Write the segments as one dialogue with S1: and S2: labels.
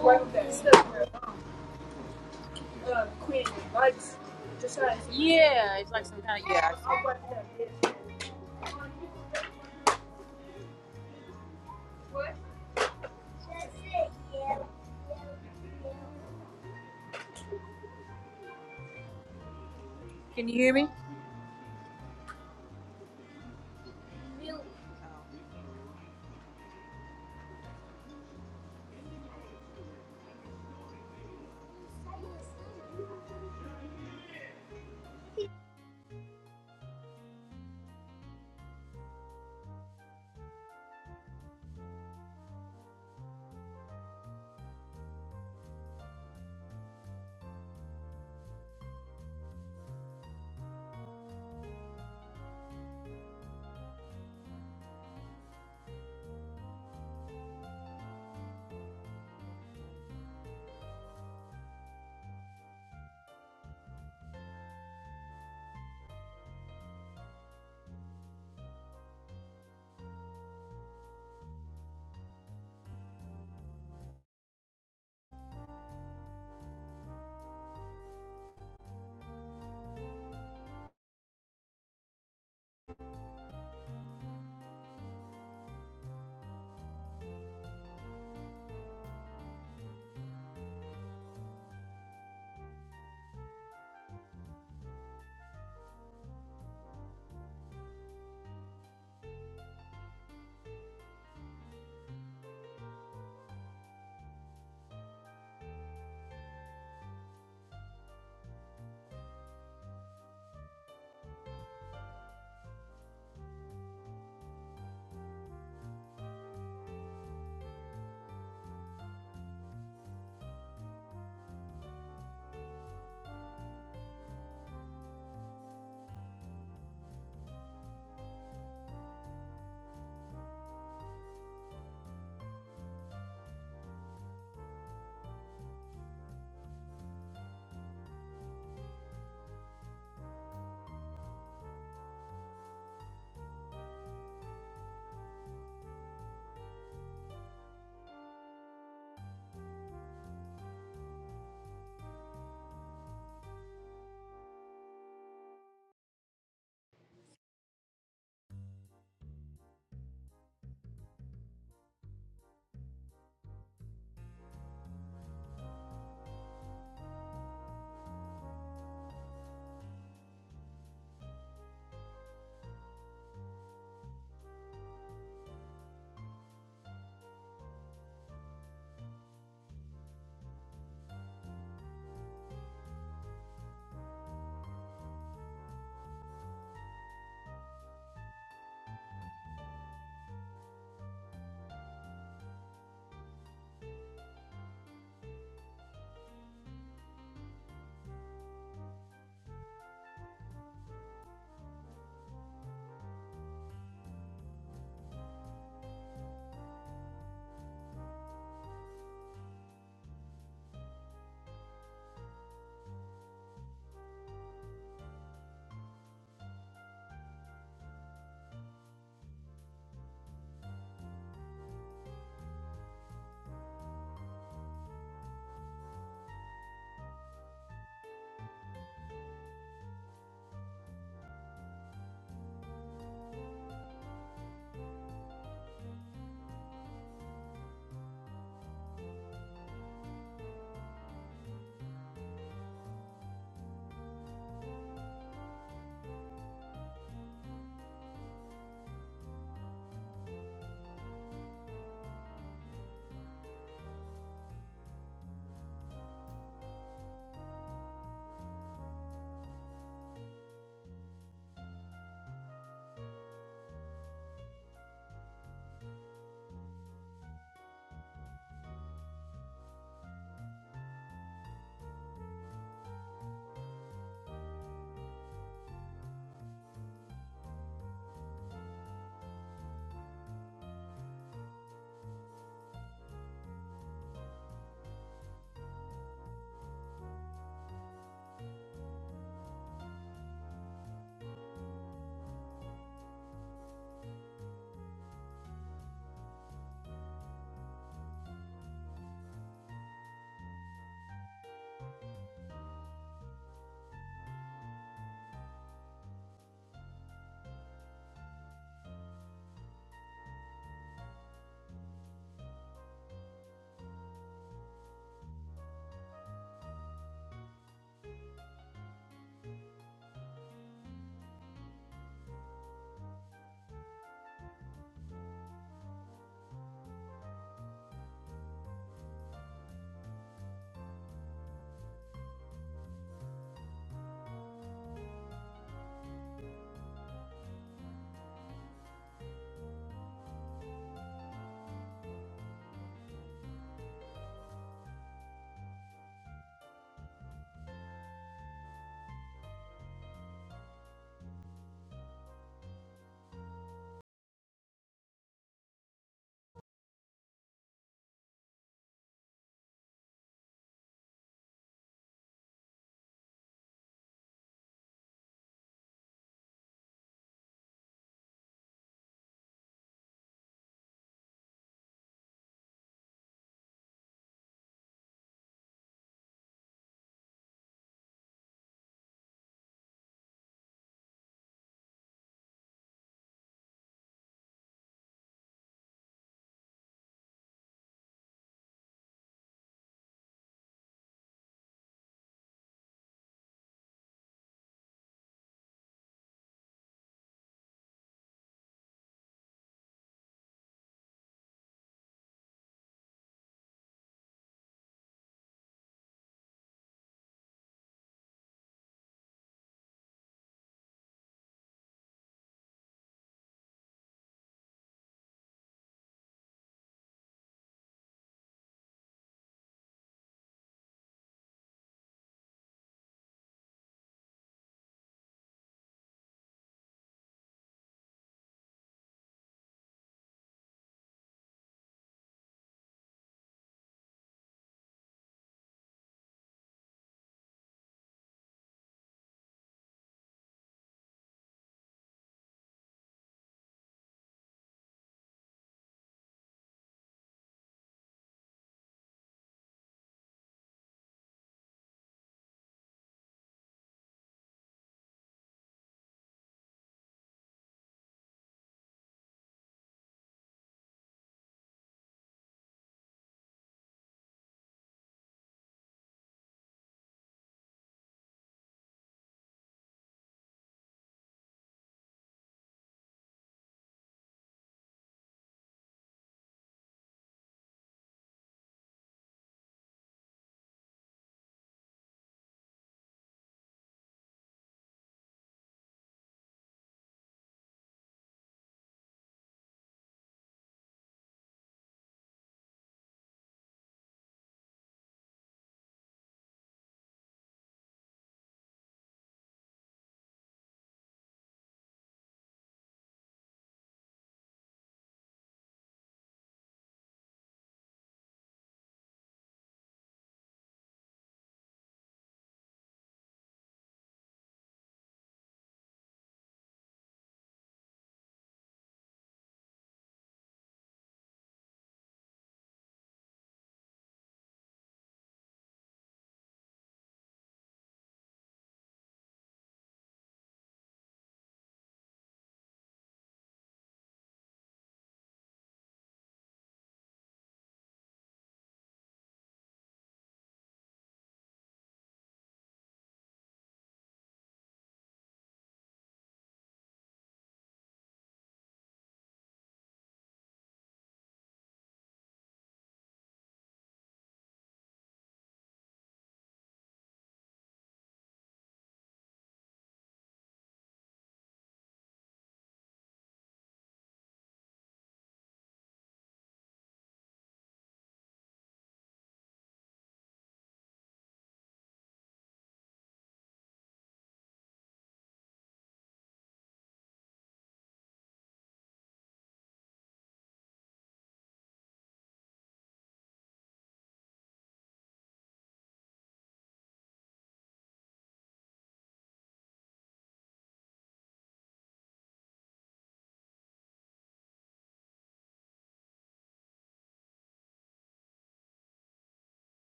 S1: like that stuff where um, Quinn likes decides. Yeah, it's like some kind of yeah. like What? Can you hear me?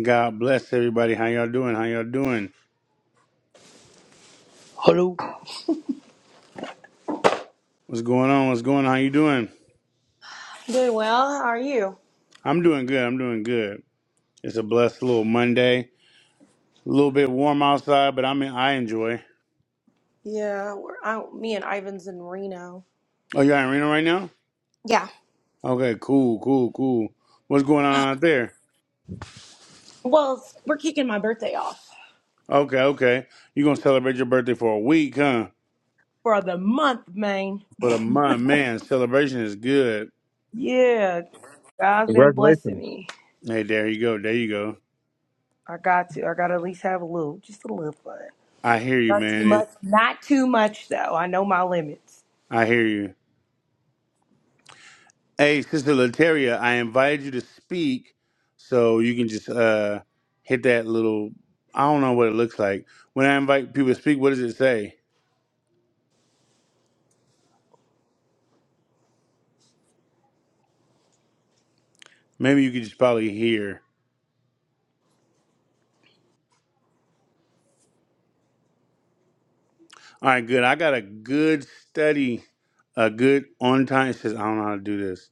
S2: God bless everybody. How y'all doing? How y'all doing?
S3: Hello.
S2: What's going on? What's going on? How you doing?
S3: Doing well. How are you?
S2: I'm doing good. I'm doing good. It's a blessed little Monday. A little bit warm outside, but I mean I enjoy.
S3: Yeah, we're out. Me and Ivan's in Reno.
S2: Oh, you in Reno right now? Okay, cool, cool, cool. What's going on out there?
S3: Well, we're kicking my birthday off
S2: Okay, okay. you gonna celebrate your birthday for a week, huh?
S3: for the month, man.
S2: For a month, man, celebration is good.
S3: Yeah, God's been blessing
S4: Congratulations.
S3: me.
S2: Hey, there you go, there you go.
S3: I got to. I got to at least have a little, just a little fun.
S2: I hear you,
S3: Not too
S2: man. It,
S3: much. Not too much, though. I know my limits.
S2: I hear you. Hey, Sister Lateria, I invited you to speak, so you can just uh hit that little. I don't know what it looks like. When I invite people to speak, what does it say? Maybe you could just probably hear. All right, good. I got a good study, a good on time. It says I don't know how to do this.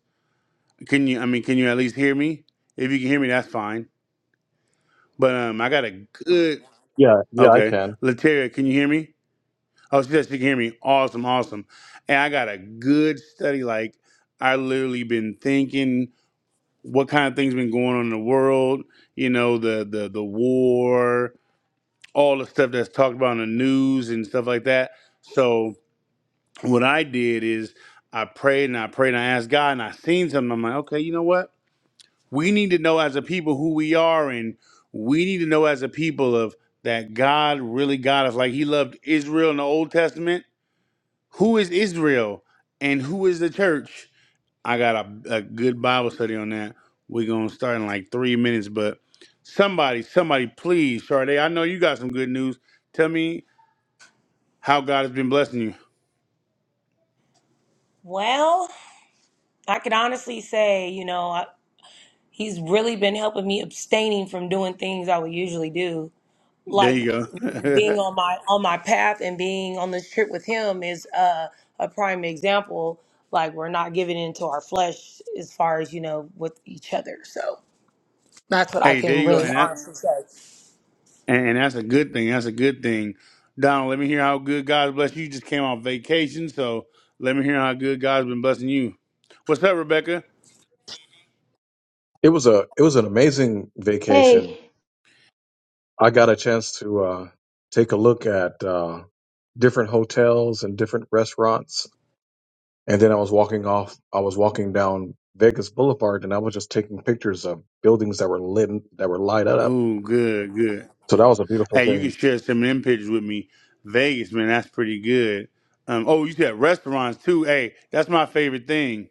S2: Can you? I mean, can you at least hear me? If you can hear me, that's fine. But um, I got a good.
S4: Yeah, yeah, I
S2: Okay,
S4: can.
S2: Lateria, can you hear me? Oh, she said she can hear me. Awesome, awesome. And I got a good study. Like I literally been thinking what kind of things been going on in the world. You know, the the the war, all the stuff that's talked about in the news and stuff like that. So what I did is I prayed and I prayed and I asked God and I seen something. I'm like, okay, you know what? We need to know as a people who we are and we need to know as a people of that God really got us. Like He loved Israel in the Old Testament who is Israel and who is the church? I got a, a good Bible study on that. We're gonna start in like three minutes, but somebody, somebody, please, Sade, I know you got some good news. Tell me how God has been blessing you.
S3: Well, I could honestly say, you know, I, he's really been helping me abstaining from doing things I would usually do.
S2: There
S3: like
S2: you go.
S3: being on my on my path and being on this trip with him is uh, a prime example like we're not giving into our flesh as far as you know with each other so that's what i
S2: hey, there
S3: can
S2: you go.
S3: really
S2: And that
S3: honestly say
S2: and and that's a good thing. That's a good thing. Donald, let me hear how good God's blessed you. You just came off vacation, so let me hear how good God's been blessing you. What's up, Rebecca?
S4: It was a it was an amazing
S5: Hey,
S4: vacation. I got a chance to uh, take a look at uh, different hotels and different restaurants, and then I was walking off. I was walking down Vegas Boulevard, and I was just taking pictures of buildings that were lit that were lighted up.
S2: Oh, good, good.
S4: So that was a beautiful
S2: Hey, you can
S4: thing.
S2: share some of them pictures with me. Vegas, man, that's pretty good. Um, oh, you said restaurants too. Hey, that's my favorite thing.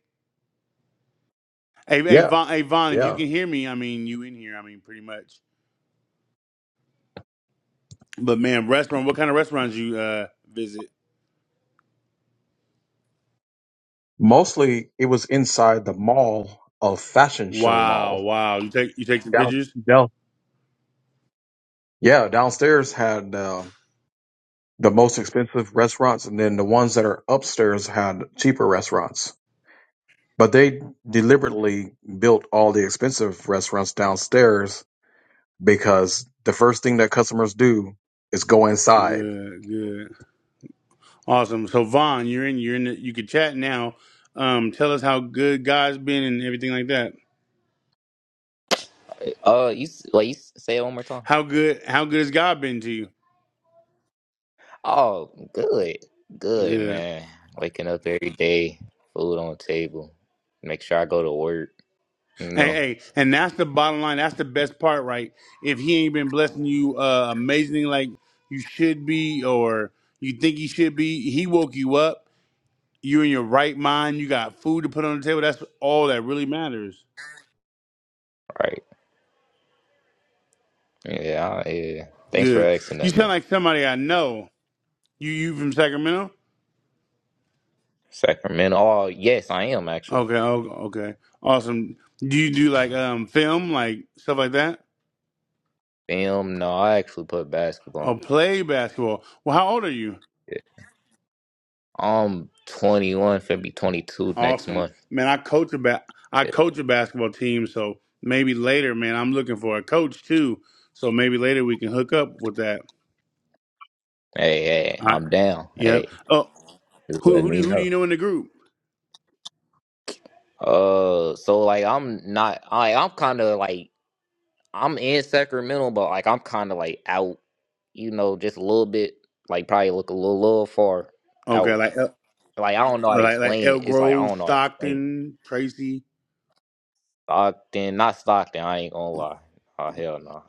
S2: Hey, hey,
S4: Yeah,
S2: Von, hey, Von, if you
S4: yeah.
S2: can hear me, I mean, you in here, I mean, pretty much. But man, restaurant. What kind of restaurants you uh visit?
S4: Mostly, it was inside the mall of Fashion Show
S2: Wow,
S4: Mall.
S2: wow. You take you take some
S4: Down,
S2: pictures.
S4: down. Yeah, downstairs had. Uh, the most expensive restaurants, and then the ones that are upstairs had cheaper restaurants. But they deliberately built all the expensive restaurants downstairs because the first thing that customers do is go inside.
S2: Good, good, awesome. So Von, you're in, you're in. The, you can chat now. Um, tell us how good God's been and everything like that.
S6: Oh, you s- like you s- say it one more time.
S2: How good, how good has God been to you?
S6: Oh, good, good
S2: Good.
S6: man. Waking up every day, food on the table. Make sure I go to work. You know,
S2: Hey, hey, and that's the bottom line. That's the best part, right? If he ain't been blessing you uh, amazingly like you should be, or you think he should be, he woke you up. You're in your right mind. You got food to put on the table. That's all that really matters.
S6: right? Yeah, I, yeah. Thanks for
S2: Good.
S6: asking
S2: You
S6: that,
S2: sound
S6: man.
S2: like somebody I know. You you from Sacramento?
S6: Sacramento. Oh, yes, I am actually.
S2: Okay, o- okay, awesome. Do you do like um film, like stuff like that?
S6: Damn, no, I actually play
S2: Oh,
S6: basketball.
S2: play basketball. Well, how old are you?
S6: Yeah. I'm 21, finna be 22 next
S2: Awesome,
S6: month.
S2: man. I coach about I
S6: Yeah.
S2: coach a basketball team, so maybe later, man. I'm looking for a coach too, so maybe later we can hook up with that.
S6: Hey, hey,
S2: All right.
S6: I'm down.
S2: yeah.
S6: Hey,
S2: Oh,
S6: just
S2: who
S6: let
S2: who do
S6: me
S2: who do you
S6: know.
S2: know in the group?
S6: Uh, so like I'm not. I I'm kind of like I'm in Sacramento, but like I'm kind of like out, you know, just a little bit, like probably look a little, little far
S2: Okay,
S6: out.
S2: like El-
S6: Like I don't know how to
S2: like like
S6: explain
S2: El
S6: it. It's like I
S2: Grove,
S6: don't know how to explain it.
S2: Stockton, Tracy.
S6: Stockton, not Stockton. I ain't gonna lie. Oh hell no.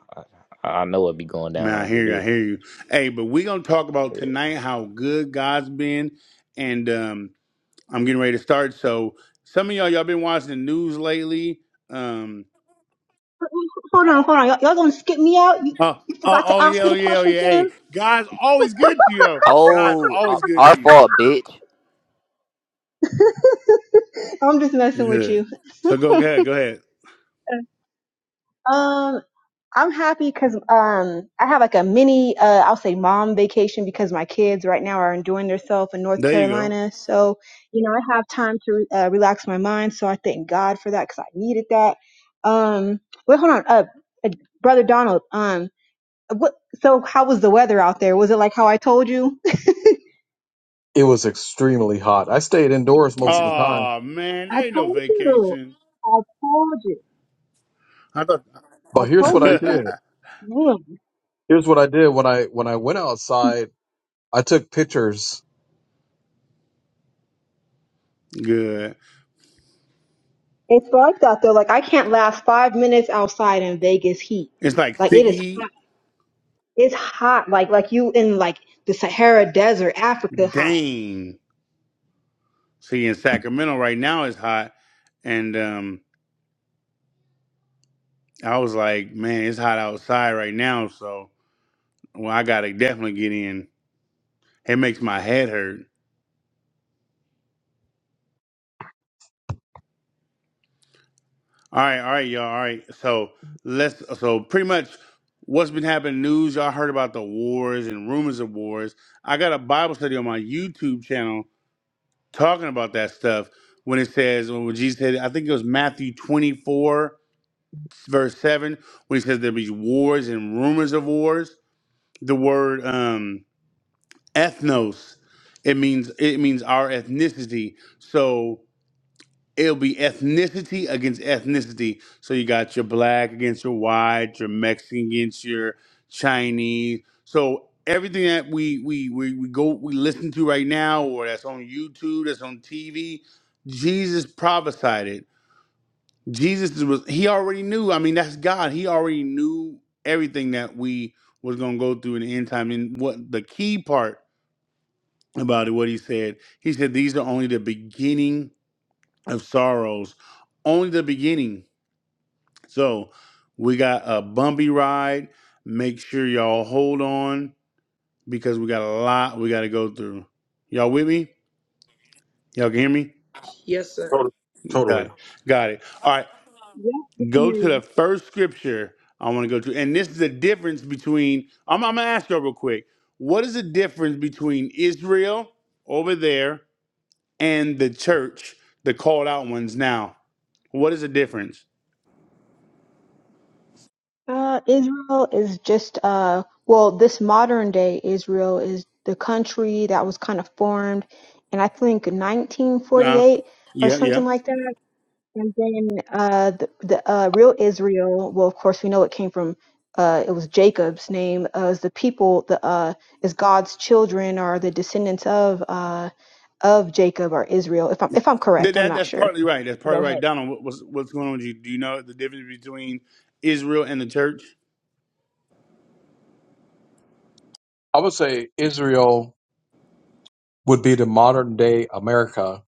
S6: I, I know it be going
S2: Man,
S6: down
S2: I
S6: over
S2: hear you. I
S6: there.
S2: hear you. Hey, but we're gonna talk about
S6: Yeah.
S2: tonight how good God's been, and um, I'm getting ready to start. So some of y'all y'all been watching the news lately. Um,
S5: hold on, hold on. Y'all, y'all gonna skip me out? You,
S2: Oh,
S5: you
S2: oh,
S5: forgot
S2: oh,
S5: to
S2: yeah,
S5: ask me
S2: oh,
S5: the
S2: yeah, oh,
S5: question,
S2: yeah. Hey,
S5: Sam?
S2: God's always good to you, though. God's
S6: Oh, uh,
S2: always good
S6: our
S2: to you.
S6: fault, bitch.
S5: I'm just messing with
S2: Good.
S5: you.
S2: So go ahead, go ahead.
S5: Um, I'm happy because um, I have like a mini, uh, I'll say mom vacation because my kids right now are enjoying themselves in North
S2: There you go.
S5: Carolina. So, you know, I have time to uh, relax my mind. So I thank God for that because I needed that. Um, wait, hold on. Uh, uh, brother Donald. Um, what? So, how was the weather out there? Was it like how I told you?
S4: It was extremely hot. I stayed indoors most of the time.
S2: Oh man,
S5: I
S2: there ain't no
S5: told you.
S2: vacation.
S5: I told you.
S2: I thought.
S4: But
S5: I
S4: here's
S5: told
S4: what
S5: you,
S4: I
S5: you
S4: did.
S5: can't. Man,
S4: Here's what I did when I when I went outside. I took pictures.
S2: good.
S5: it's like that though. Like I can't last five minutes outside in Vegas heat.
S2: It's like
S5: Like it
S2: sticky
S5: is hot.
S2: heat.
S5: It's hot. Like like you in like the Sahara Desert, Africa hot.
S2: Dang. See, in Sacramento right now it's hot, and um, I was like, man, it's hot outside right now. So, well, I gotta definitely get in. It makes my head hurt. All right, all right, y'all. All right. So let's so pretty much what's been happening news, y'all heard about the wars and rumors of wars. I got a Bible study on my YouTube channel talking about that stuff when it says when Jesus said I think it was Matthew 24 verse 7 when he says there'll be wars and rumors of wars. The word um ethnos it means it means our ethnicity. So it'll be ethnicity against ethnicity. So you got your black against your white, your Mexican against your Chinese. So everything that we we we, we go we listen to right now, or that's on YouTube, that's on TV, Jesus prophesied it. Jesus was he already knew. I mean, that's God. He already knew everything that we was gonna go through in the end time. And what the key part about it, what he said, he said these are only the beginning of sorrows, only the beginning. So we got a bumpy ride. Make sure y'all hold on because we got a lot we got to go through. Y'all with me? Y'all can hear me?
S3: yes sir
S4: Tot-
S2: Got it.
S4: Totally.
S2: Got it. All right.
S5: Yeah, I can
S2: Go
S5: hear
S2: to the
S5: you.
S2: first scripture I want to go to. And this is the difference between, I'm, I'm going to ask y'all real quick. What is the difference between Israel over there and the church, the called out ones now? What is the difference?
S5: Uh, Israel is just uh, well, this modern day Israel is the country that was kind of formed, and I think
S2: Uh,
S5: 1948 or
S2: yeah, yeah.
S5: something like that. And then uh, the, the uh, real Israel, well, of course, we know it came from, uh, it was Jacob's name, uh, is the people, the uh, is God's children or the descendants of uh, of Jacob or Israel. If I'm if I'm
S2: That,
S5: correct, I'm
S2: that
S5: not
S2: that's
S5: sure.
S2: partly right. That's
S5: But
S2: partly
S5: Go
S2: right.
S5: ahead.
S2: Donald, what, what's what's going on with you? Do you know the difference between Israel and the church?
S4: I would say Israel would be the modern day America,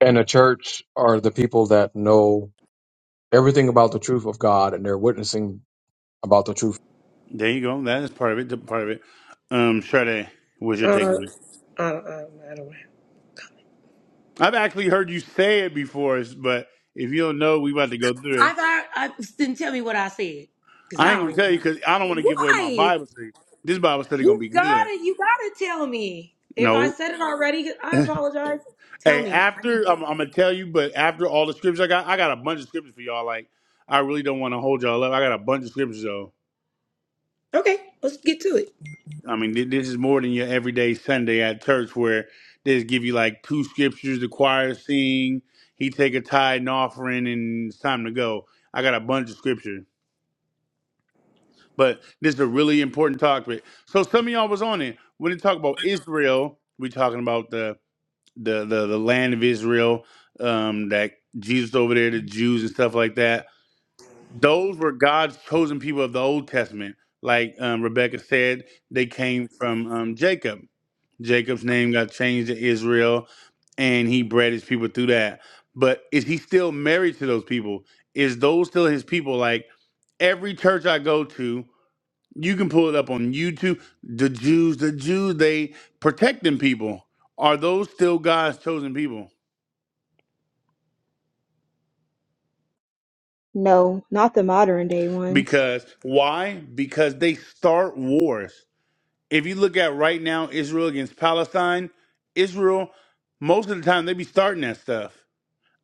S4: and the church are the people that know everything about the truth of God, and they're witnessing about the truth.
S2: There you go. That is part of it. the Part of it. Um, Sade, what's your take
S3: uh,
S2: on it?
S3: uh, uh, I, don't know.
S2: I've actually heard you say it before, it's- but if you don't know, we about to go through
S3: I
S2: it.
S3: thought i didn't tell me what i said because
S2: I
S3: i
S2: ain't
S3: don't
S2: gonna
S3: even
S2: tell you
S3: know
S2: because I don't want to give away my
S3: why
S2: Bible study. This Bible study gonna be
S3: you
S2: good.
S3: gotta you gotta tell me if i
S2: No.
S3: said it already i apologize tell
S2: Hey,
S3: me i need
S2: after I'm, I'm gonna tell you, but after all the scriptures I got, I got a bunch of scriptures for y'all. Like, I really don't want to hold y'all up. I got a bunch of scriptures though.
S3: okay let's get to
S2: I mean, thi- this is more than your everyday Sunday at church where they just give you like two scriptures, the choir sing, he take a tithe and offering, and it's time to go. I got a bunch of scripture, but this is a really important topic. So some of y'all was on it when they talk about Israel. We talking about the the the, the land of Israel, um, that Jesus over there, the Jews and stuff like that. Those were God's chosen people of the Old Testament. Like um, Rebecca said, they came from um, Jacob Jacob's name got changed to Israel, and he bred his people through that. But is he still married to those people? Is those still his people? Like every church I go to, you can pull it up on YouTube. The Jews, the Jews, they protect them people. Are those still God's chosen people?
S5: No, not the modern day ones.
S2: Because why? Because they start wars. If you look at right now, Israel against Palestine, Israel, most of the time they be starting that stuff.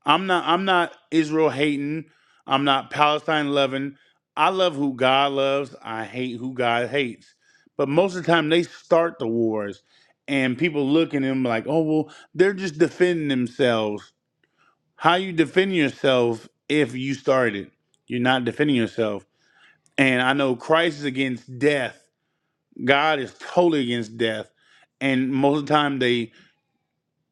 S2: I'm not I'm not Israel hating. I'm not Palestine loving. I love who God loves. I hate who God hates. But most of the time they start the wars and people look at them like, oh well, they're just defending themselves. How you defend yourself if you started? You're not defending yourself. And I know Christ is against death. God is totally against death. And most of the time they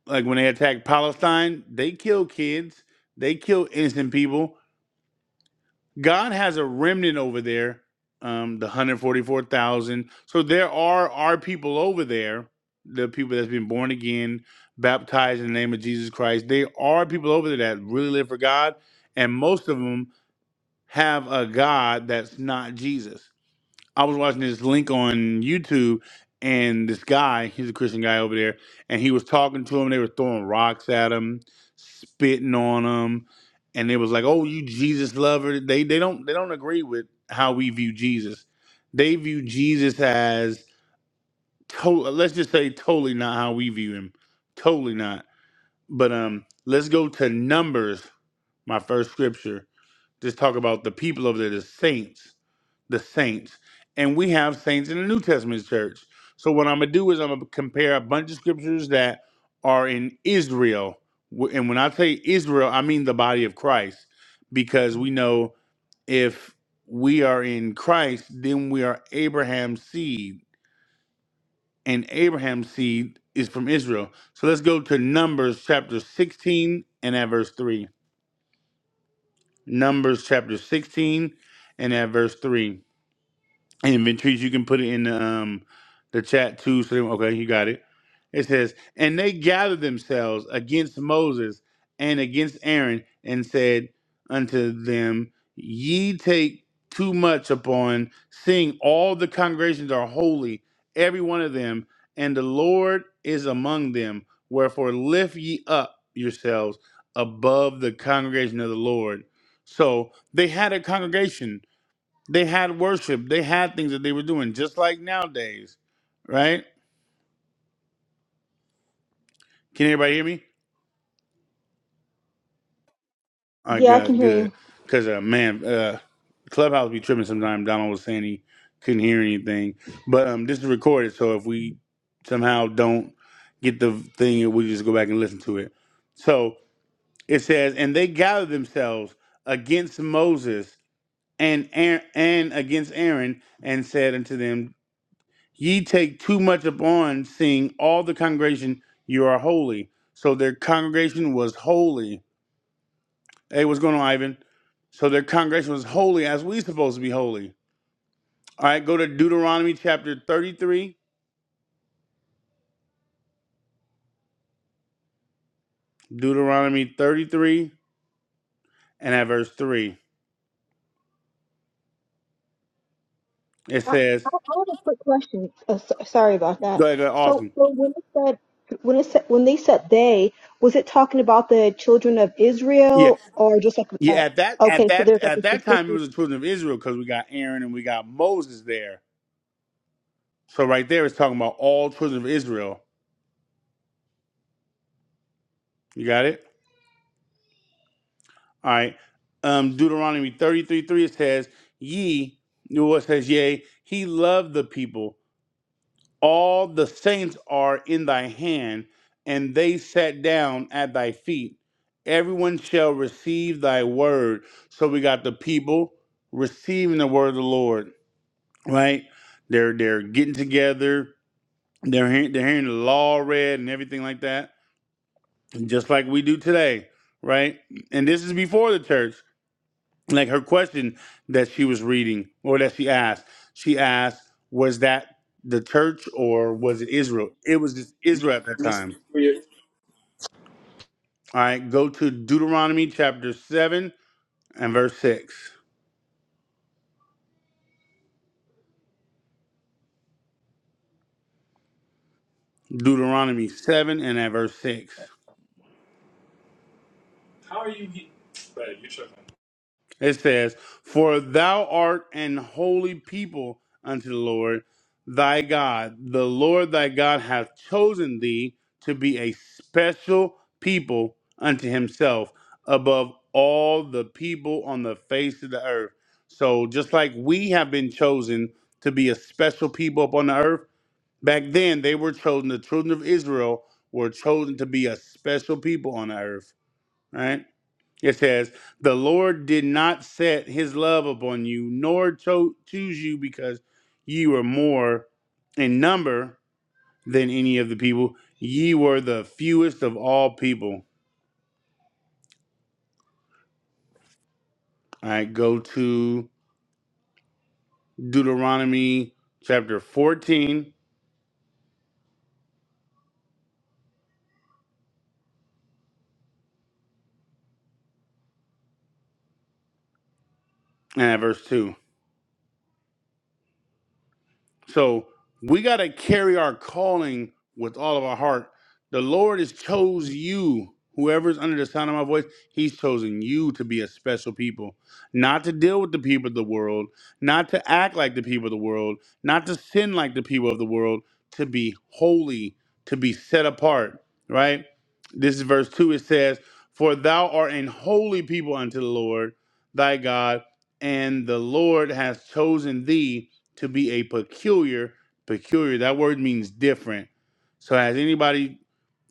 S2: like when they attack Palestine, they kill kids, they kill innocent people God has a remnant over there, um, the 144,000. So there are our people over there, the people that's been born again, baptized in the name of Jesus Christ. They are people over there that really live for God, and most of them have a God that's not Jesus. I was watching this link on YouTube, and this guy, he's a Christian guy over there, and he was talking to him. They were throwing rocks at him, spitting on him, and they was like, "Oh, you Jesus lover." They they don't they don't agree with how we view Jesus. They view Jesus as to- let's just say totally not how we view him. Totally not. But um, let's go to Numbers, my first scripture. Just talk about the people over there, the saints, the saints. And we have saints in the New Testament church. So what I'm gonna do is I'm gonna compare a bunch of scriptures that are in Israel. Wh- And when I say Israel, I mean the body of Christ, because we know if we are in Christ, then we are Abraham's seed, and Abraham's seed is from Israel. So let's go to Numbers chapter 16 and at verse 3. Numbers chapter 16 and at verse 3. And Ventrice, you can put it in the, um, the chat too. So they, okay, you got it. It says, and they gathered themselves against Moses and against Aaron, and said unto them, Ye take too much upon seeing all the congregations are holy, every one of them, and the Lord is among them. Wherefore lift ye up yourselves above the congregation of the Lord. So they had a congregation they had worship. They had things that they were doing, just like nowadays, right? Can everybody hear me? All right,
S5: Yeah, I can
S2: good,
S5: hear you.
S2: good. Because uh, man, uh, clubhouse be tripping sometimes. Donald was saying he couldn't hear anything, but um, this is recorded, so if we somehow don't get the thing, we just go back and listen to it. So it says, and they gathered themselves against Moses and Aaron, and against Aaron, and said unto them, Ye take too much upon seeing all the congregation you are holy. So their congregation was holy. Hey, what's going on, Ivan? So their congregation was holy as we supposed to be holy. All right, go to Deuteronomy chapter 33. Deuteronomy 33 and at verse 3. It
S5: I, I
S2: says,
S5: I have a quick question. Uh, so, sorry about that.
S2: go ahead, go ahead,
S5: So,
S2: awesome.
S5: so when it said when it said when they said they, was it talking about the children of
S2: Yeah.
S5: Israel or just like
S2: Yeah,
S5: uh,
S2: at that at
S5: okay? So
S2: that
S5: there's like
S2: at
S5: a
S2: that time it
S5: specific.
S2: was the children of Israel because we got Aaron and we got Moses there. So right there it's talking about all children of Israel. You got it? All right. Um, Deuteronomy 33 3 it says, Ye, what says, Yea, he loved the people. All the saints are in thy hand, and they sat down at thy feet. Everyone shall receive thy word. So we got the people receiving the word of the Lord, right? They're they're getting together, they're hearing, they're hearing the law read and everything like that, just like we do today, right? And this is before the church. like her question that she was reading or that she asked she asked was that the church or was it israel it was just israel at that time
S3: it
S2: all right go to deuteronomy chapter 7 and verse 6 deuteronomy 7 and at verse 6
S3: How are you? Get- Bad, you check
S2: It says, For thou art an holy people unto the Lord thy God. The Lord thy God hath chosen thee to be a special people unto himself above all the people on the face of the earth. So just like we have been chosen to be a special people upon the earth, back then they were chosen, the children of Israel were chosen to be a special people on the earth. Right? It says, The Lord did not set his love upon you, nor cho- choose you because ye were more in number than any of the people. Ye were the fewest of all people. All right, go to Deuteronomy chapter 14 and at verse 2. So we got to carry our calling with all of our heart. The Lord has chose you. Whoever's under the sound of my voice, He's chosen you to be a special people, not to deal with the people of the world, not to act like the people of the world, not to sin like the people of the world, to be holy, to be set apart, right? This is verse 2. It says, For thou art an holy people unto the Lord thy God, and the Lord has chosen thee to be a peculiar, peculiar. That word means different. So has anybody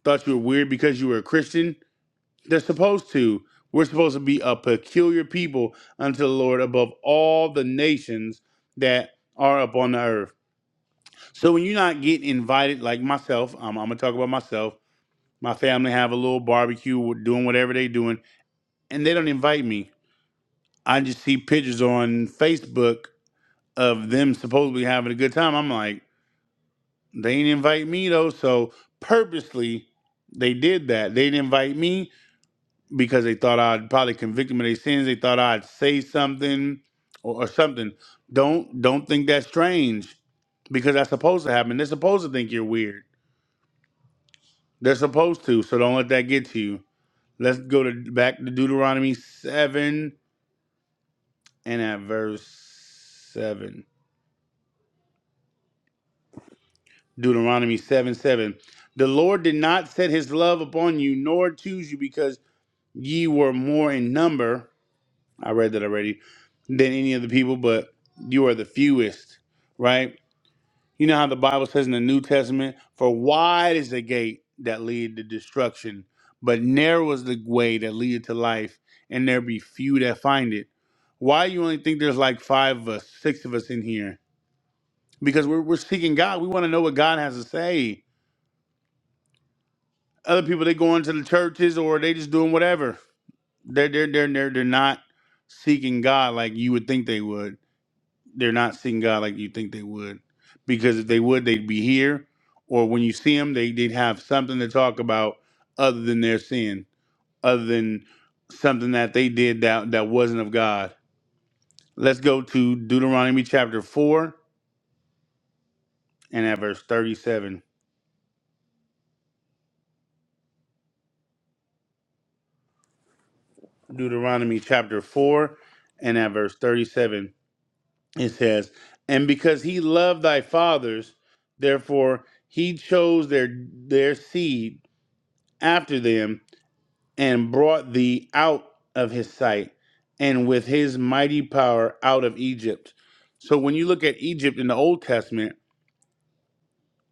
S2: thought you were weird because you were a Christian? They're supposed to. We're supposed to be a peculiar people unto the Lord above all the nations that are upon the earth. So when you're not getting invited, like myself, um, I'm gonna talk about myself. My family have a little barbecue, we're doing whatever they doing, and they don't invite me. I just see pictures on Facebook of them supposedly having a good time. I'm like, They didn't invite me though, so purposely they did that. They didn't invite me because they thought I'd probably convict them of their sins. They thought I'd say something or, or something. Don't don't think that's strange because that's supposed to happen. They're supposed to think you're weird. They're supposed to. So don't let that get to you. Let's go to back to Deuteronomy seven and at verse seven. Deuteronomy seven seven. The Lord did not set his love upon you, nor choose you because Ye were more in number. I read that already than any of the people, but you are the fewest, right? You know how the Bible says in the New Testament, for wide is the gate that lead to destruction, but narrow is the way that lead to life, and there be few that find it. Why you only think there's like five of us, six of us in here? Because we're, we're seeking God. We want to know what God has to say. Other people, they go into the churches or they just doing whatever. They're they're they're they're, they're not seeking God like you would think they would. They're not seeking God like you think they would, because if they would, they'd be here. Or when you see them, they they'd have something to talk about other than their sin, other than something that they did that that wasn't of God. Let's go to Deuteronomy chapter four and at verse thirty-seven. Deuteronomy chapter four and at verse thirty-seven. it says, "And because he loved thy fathers, therefore he chose their their seed after them, and brought thee out of his sight, and with his mighty power out of Egypt." So when you look at Egypt in the Old Testament,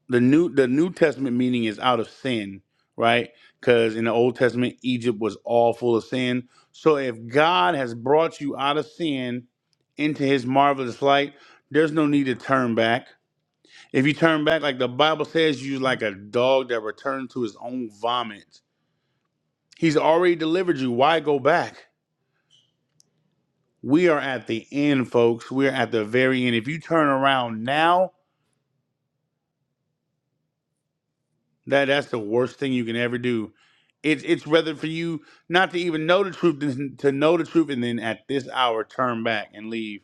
S2: the new the New Testament meaning is out of sin, right? Because in the Old Testament, Egypt was all full of sin. So if God has brought you out of sin into His marvelous light, there's no need to turn back If you turn back, like the Bible says, you like a dog that returned to his own vomit. He's already delivered you. Why go back? We are at the end, folks. We're at the very end. If you turn around now, that that's the worst thing you can ever do. It's it's rather for you not to even know the truth than to know the truth, and then at this hour turn back and leave.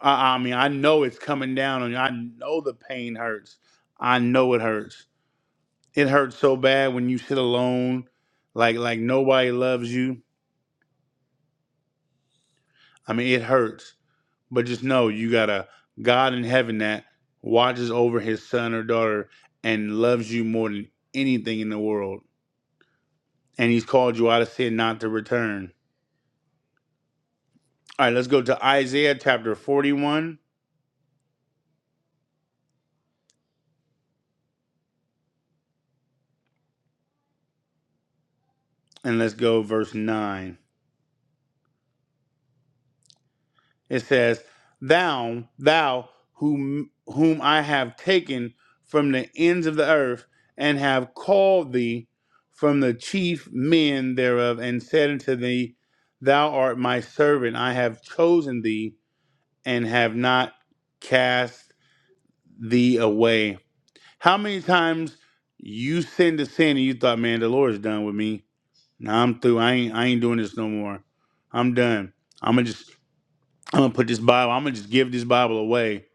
S2: I, I mean, I know it's coming down on you. I know the pain hurts. I know it hurts It hurts so bad when you sit alone, like like nobody loves you. I mean, it hurts. But just know you got a God in heaven that watches over his son or daughter and loves you more than anything in the world. And he's called you out of sin not to return. All right, let's go to Isaiah chapter 41 and let's go verse 9. It says, "Thou, thou whom whom I have taken from the ends of the earth, and have called thee from the chief men thereof, and said unto thee, Thou art my servant; I have chosen thee, and have not cast thee away." How many times you sinned to sin, and you thought, "Man, the Lord's done with me. Now I'm through. I ain't I ain't doing this no more. I'm done. I'm gonna just." I'm gonna put this Bible. I'm gonna just give this Bible away.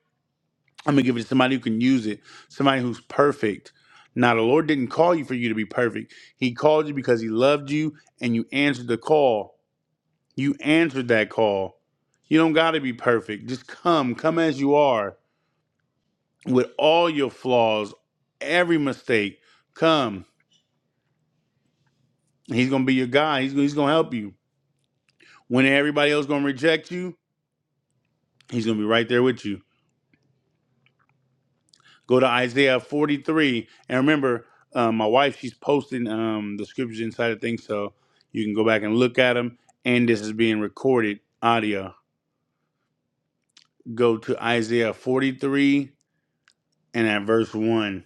S2: I'm gonna give it to somebody who can use it, somebody who's perfect. Now, the Lord didn't call you for you to be perfect. He called you because He loved you and you answered the call. You answered that call. You don't gotta be perfect. Just come, come as you are with all your flaws, every mistake. Come. He's gonna be your guy. He's, he's gonna help you. When everybody else gonna reject you, He's gonna be right there with you. Go to Isaiah 43. And remember, um, my wife, she's posting um, the scriptures inside of things, so you can go back and look at them. And this is being recorded audio. Go to Isaiah 43 and at verse 1.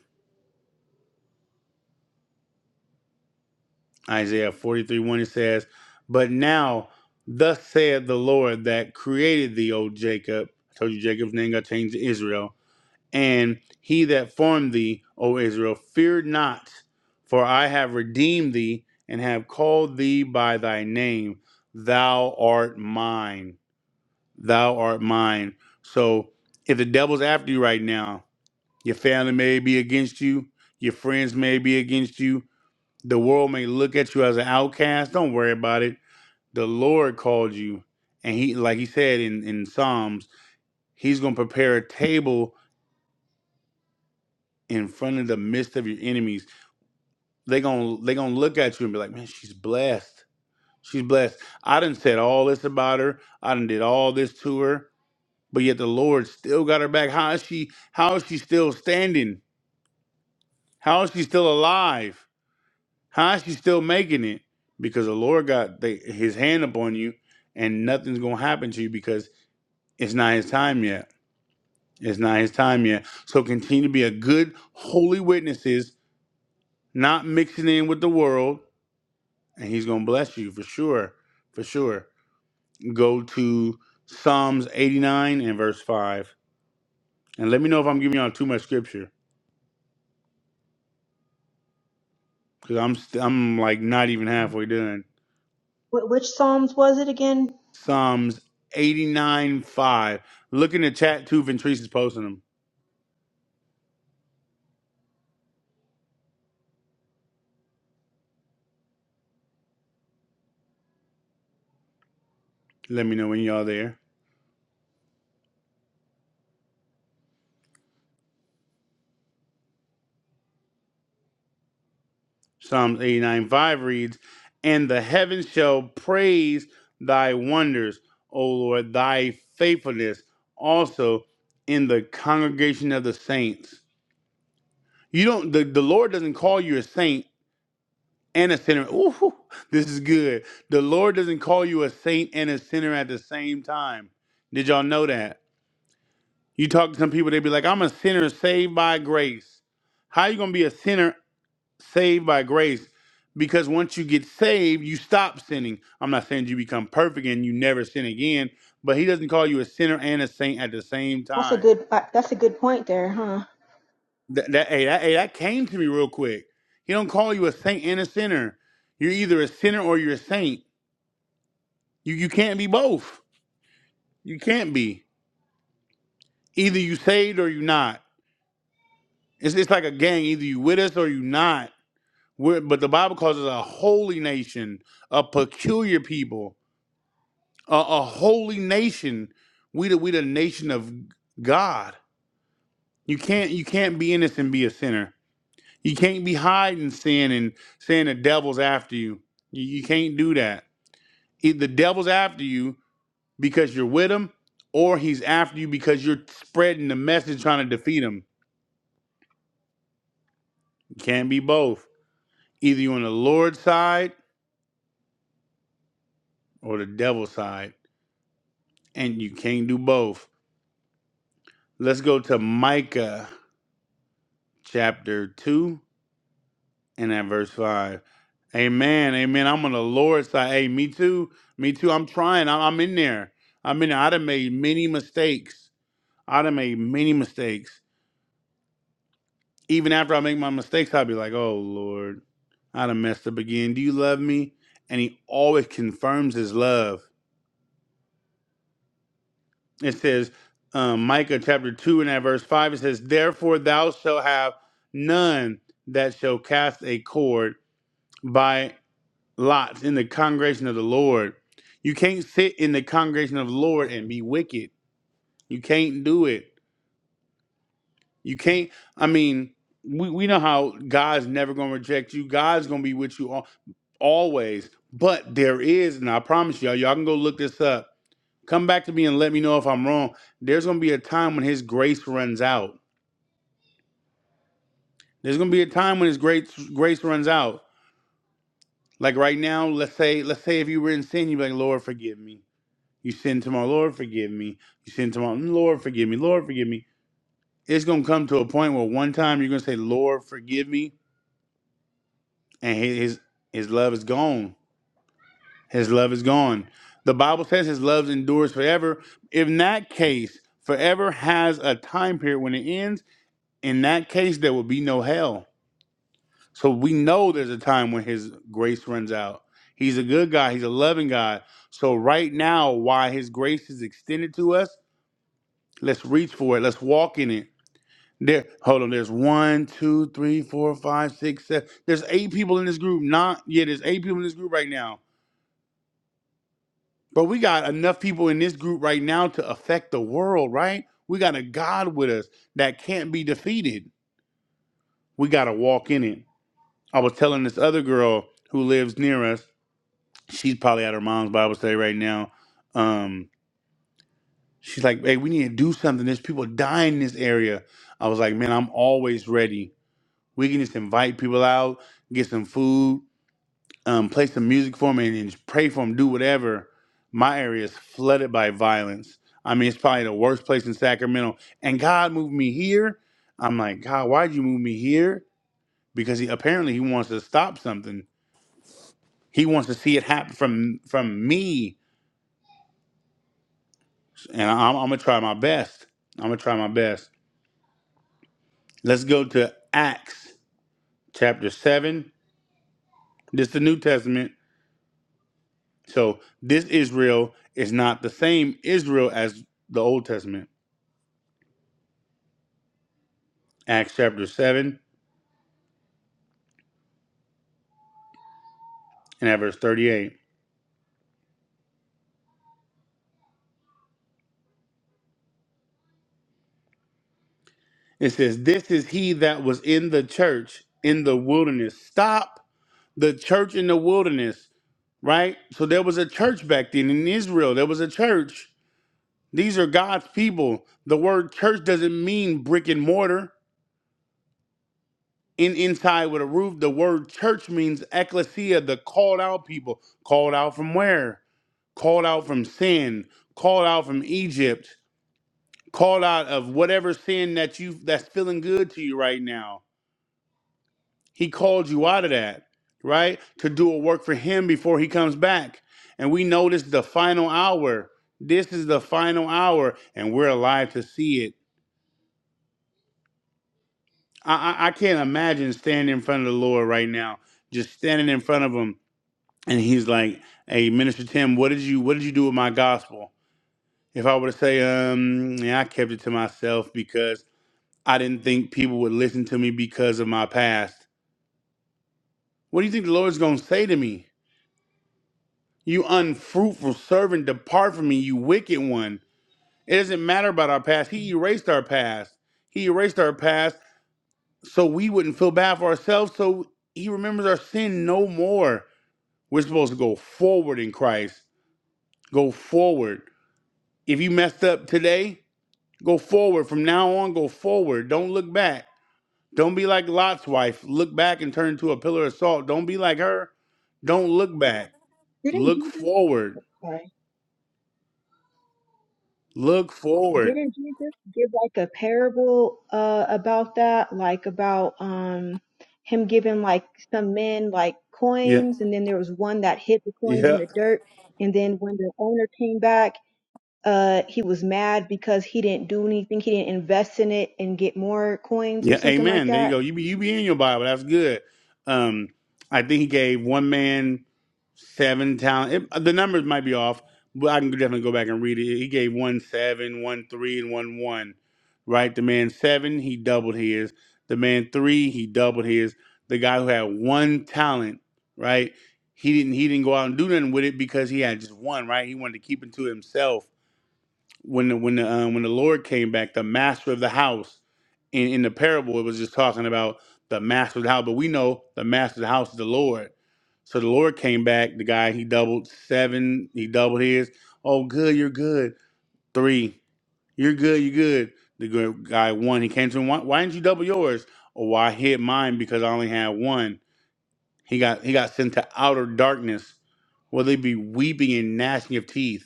S2: Isaiah 43 1, it says, But now, thus saith the Lord that created thee, O Jacob. I told you Jacob's name got changed to Israel And he that formed thee, O Israel, fear not, for I have redeemed thee and have called thee by thy name. Thou art mine. Thou art mine. So if the devil's after you right now, your family may be against you, your friends may be against you, the world may look at you as an outcast. Don't worry about it. The Lord called you. And he, like he said in, in Psalms, he's going to prepare a table in front of the midst of your enemies they gonna they gonna look at you and be like, man, she's blessed. She's blessed. I done said all this about her. I done did all this to her, but yet the Lord still got her back. How is she? How is she still standing? How is she still alive? How is she still making it? Because the Lord got they, His hand upon you, and nothing's gonna happen to you because it's not His time yet. It's not His time yet. So continue to be a good, holy witnesses, not mixing in with the world, and he's gonna bless you for sure, for sure. Go to Psalms 89 and verse five, and let me know if I'm giving y'all too much scripture because I'm st- I'm like not even halfway done.
S5: Wh- which Psalms was it again?
S2: Psalms 89 5. Look in the chat too. Ventrice is posting them. Let me know when y'all there. Psalms 89 5 reads, "And the heavens shall praise thy wonders, O Lord, thy faithfulness also in the congregation of the saints." You don't the, the Lord doesn't call you a saint and a sinner. Ooh, this is good. The Lord doesn't call you a saint and a sinner at the same time. Did y'all know that? You talk to some people, they be like, I'm a sinner saved by grace. How you gonna be a sinner saved by grace? Because once you get saved, you stop sinning. I'm not saying you become perfect and you never sin again, but he doesn't call you a sinner and a saint at the same
S5: That's a
S2: time.
S5: good. Uh, that's a good point there, huh?
S2: That, that, hey, that, hey, that came to me real quick. He don't call you a saint and a sinner. You're either a sinner or you're a saint. You you can't be both. You can't be. Either you saved or you not. It's it's like a gang. Either you with us or you not. We're, but the Bible calls us a holy nation, a peculiar people, a, a holy nation. We the we the nation of God. You can't you can't be innocent and be a sinner. You can't be hiding sin and saying the devil's after you. You, you can't do that. Either the devil's after you because you're with him, or he's after you because you're spreading the message trying to defeat him. You can't be both. Either you're on the Lord's side or the devil's side, and you can't do both. Let's go to Micah chapter 2 and at verse 5. Amen. Amen. I'm on the Lord's side. Hey, me too. Me too. I'm trying. I- I'm in there. I mean, I'd have made many mistakes. I'd have made many mistakes. even after I make my mistakes, I'll be like, oh Lord, I done messed up again. Do you love me? And he always confirms his love. It says, um, Micah chapter 2 and at verse 5, it says, Therefore thou shalt have none that shall cast a cord by lots in the congregation of the Lord. You can't sit in the congregation of the Lord and be wicked. You can't do it. You can't, I mean, we, we know how God's never gonna reject you. God's gonna be with you all always. But there is, and I promise y'all, y'all can go look this up. Come back to me and let me know if I'm wrong. There's gonna be a time when His grace runs out. There's gonna be a time when His grace grace runs out. Like right now, let's say let's say if you were in sin, you're like, Lord, forgive me. You sin tomorrow, Lord, forgive me. You sin tomorrow, Lord, forgive me. Lord, forgive me. It's gonna come to a point where one time you're gonna say, Lord, forgive me, and His His his love is gone His love is gone. The Bible says his love endures forever. In that case, forever has a time period when it ends. In that case, there will be no hell. So we know there's a time when his grace runs out. He's a good God, he's a loving God. So right now, while his grace is extended to us, let's reach for it. Let's walk in it. There, hold on. There's one, two, three, four, five, six, seven. There's eight people in this group. Not yeah, there's eight people in this group right now. But we got enough people in this group right now to affect the world, right? We got a God with us that can't be defeated. We got to walk in it. I was telling this other girl who lives near us, she's probably at her mom's Bible study right now. Um, she's like, hey, we need to do something. There's people dying in this area. I was like, man, I'm always ready. We can just invite people out, get some food, um, play some music for me and, and just pray for him. do whatever. My area is flooded by violence. I mean, it's probably the worst place in Sacramento. And God moved me here. I'm like, God, why'd you move me here? Because he apparently he wants to stop something. He wants to see it happen from from me. And I'm, I'm gonna try my best. I'm gonna try my best. Let's go to Acts chapter seven. This is the New Testament. So this Israel is not the same Israel as the Old Testament. Acts chapter 7 and at verse 38. It says, This is he that was in the church in the wilderness. Stop the church in the wilderness, right? So there was a church back then in Israel. There was a church. These are God's people. The word church doesn't mean brick and mortar. In inside with a roof, the word church means ecclesia, the called out people. Called out from where? Called out from sin, called out from Egypt called out of whatever sin that you that's feeling good to you right now. He called you out of that, right? To do a work for him before he comes back. And we know this is the final hour. This is the final hour, and we're alive to see it. I, I, I can't imagine standing in front of the Lord right now, just standing in front of him, and he's like, "Hey, Minister Tim, what did you what did you do with my gospel?" If I were to say, "Um, yeah, I kept it to myself because," I didn't think people would listen to me because of my past. What do you think the Lord's going to say to me? You unfruitful servant, depart from me, you wicked one. It doesn't matter about our past. He erased our past. He erased our past so we wouldn't feel bad for ourselves, so He remembers our sin no more. We're supposed to go forward in Christ. Go forward. If you messed up today, go forward. From now on, go forward. Don't look back. Don't be like Lot's wife. Look back and turn into a pillar of salt. Don't be like her. Don't look back.
S5: Didn't
S2: Look
S5: Jesus?
S2: forward. Look forward.
S5: Didn't Jesus give like a parable uh about that? Like about um him giving like some men like
S2: Yeah.
S5: coins and then there was one that hid the coins in
S2: Yeah.
S5: the dirt and then when the owner came back, uh he was mad because he didn't do anything, he didn't invest in it and get more coins or
S2: Yeah,
S5: something like
S2: amen. There you
S5: that.
S2: go. You be you be in your Bible. That's good. Um, I think he gave one man seven talent. It, uh, the numbers might be off, but I can definitely go back and read it. He gave one seven, one three, and one one. Right, the man seven, he doubled his. The man three, he doubled his. The guy who had one talent, right? He didn't he didn't go out and do nothing with it because he had just one, right? He wanted to keep it to himself when the, when the, um, when the Lord came back, the master of the house in, in the parable, it was just talking about the master of the house. But we know the master of the house is the Lord. So the Lord came back. The guy he doubled seven. He doubled his. Oh, good, you're good. Three, you're good, you're good. The good guy one. He came to him. Why, why didn't you double yours? Oh, well, I hid mine because I only had one. He got he got sent to outer darkness, where they be weeping and gnashing of teeth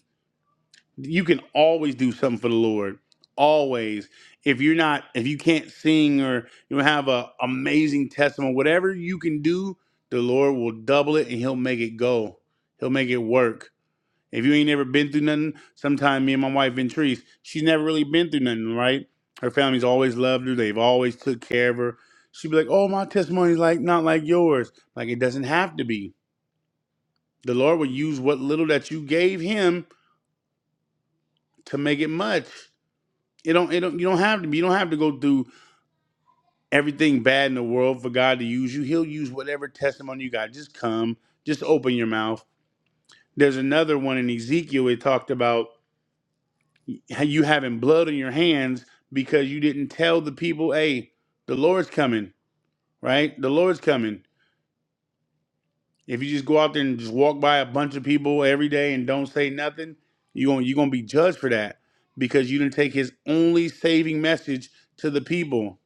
S2: you can always do something for the Lord. Always. If you're not, if you can't sing or you don't have a amazing testimony, whatever you can do, the Lord will double it and He'll make it go. He'll make it work. If you ain't never been through nothing, sometime me and my wife Ventrice, she's never really been through nothing, right? Her family's always loved her. They've always took care of her. She'd be like, "Oh, my testimony's like not like yours. Like it doesn't have to be. The Lord will use what little that you gave Him to make it much." It don't. It don't. You don't have to. be You don't have to go through everything bad in the world for God to use you. He'll use whatever testimony you got. Just come. Just open your mouth. There's another one in Ezekiel. It talked about how you having blood on your hands because you didn't tell the people, "Hey, the Lord's coming." Right? The Lord's coming. If you just go out there and just walk by a bunch of people every day and don't say nothing, you going you're gonna be judged for that because you didn't take His only saving message to the people.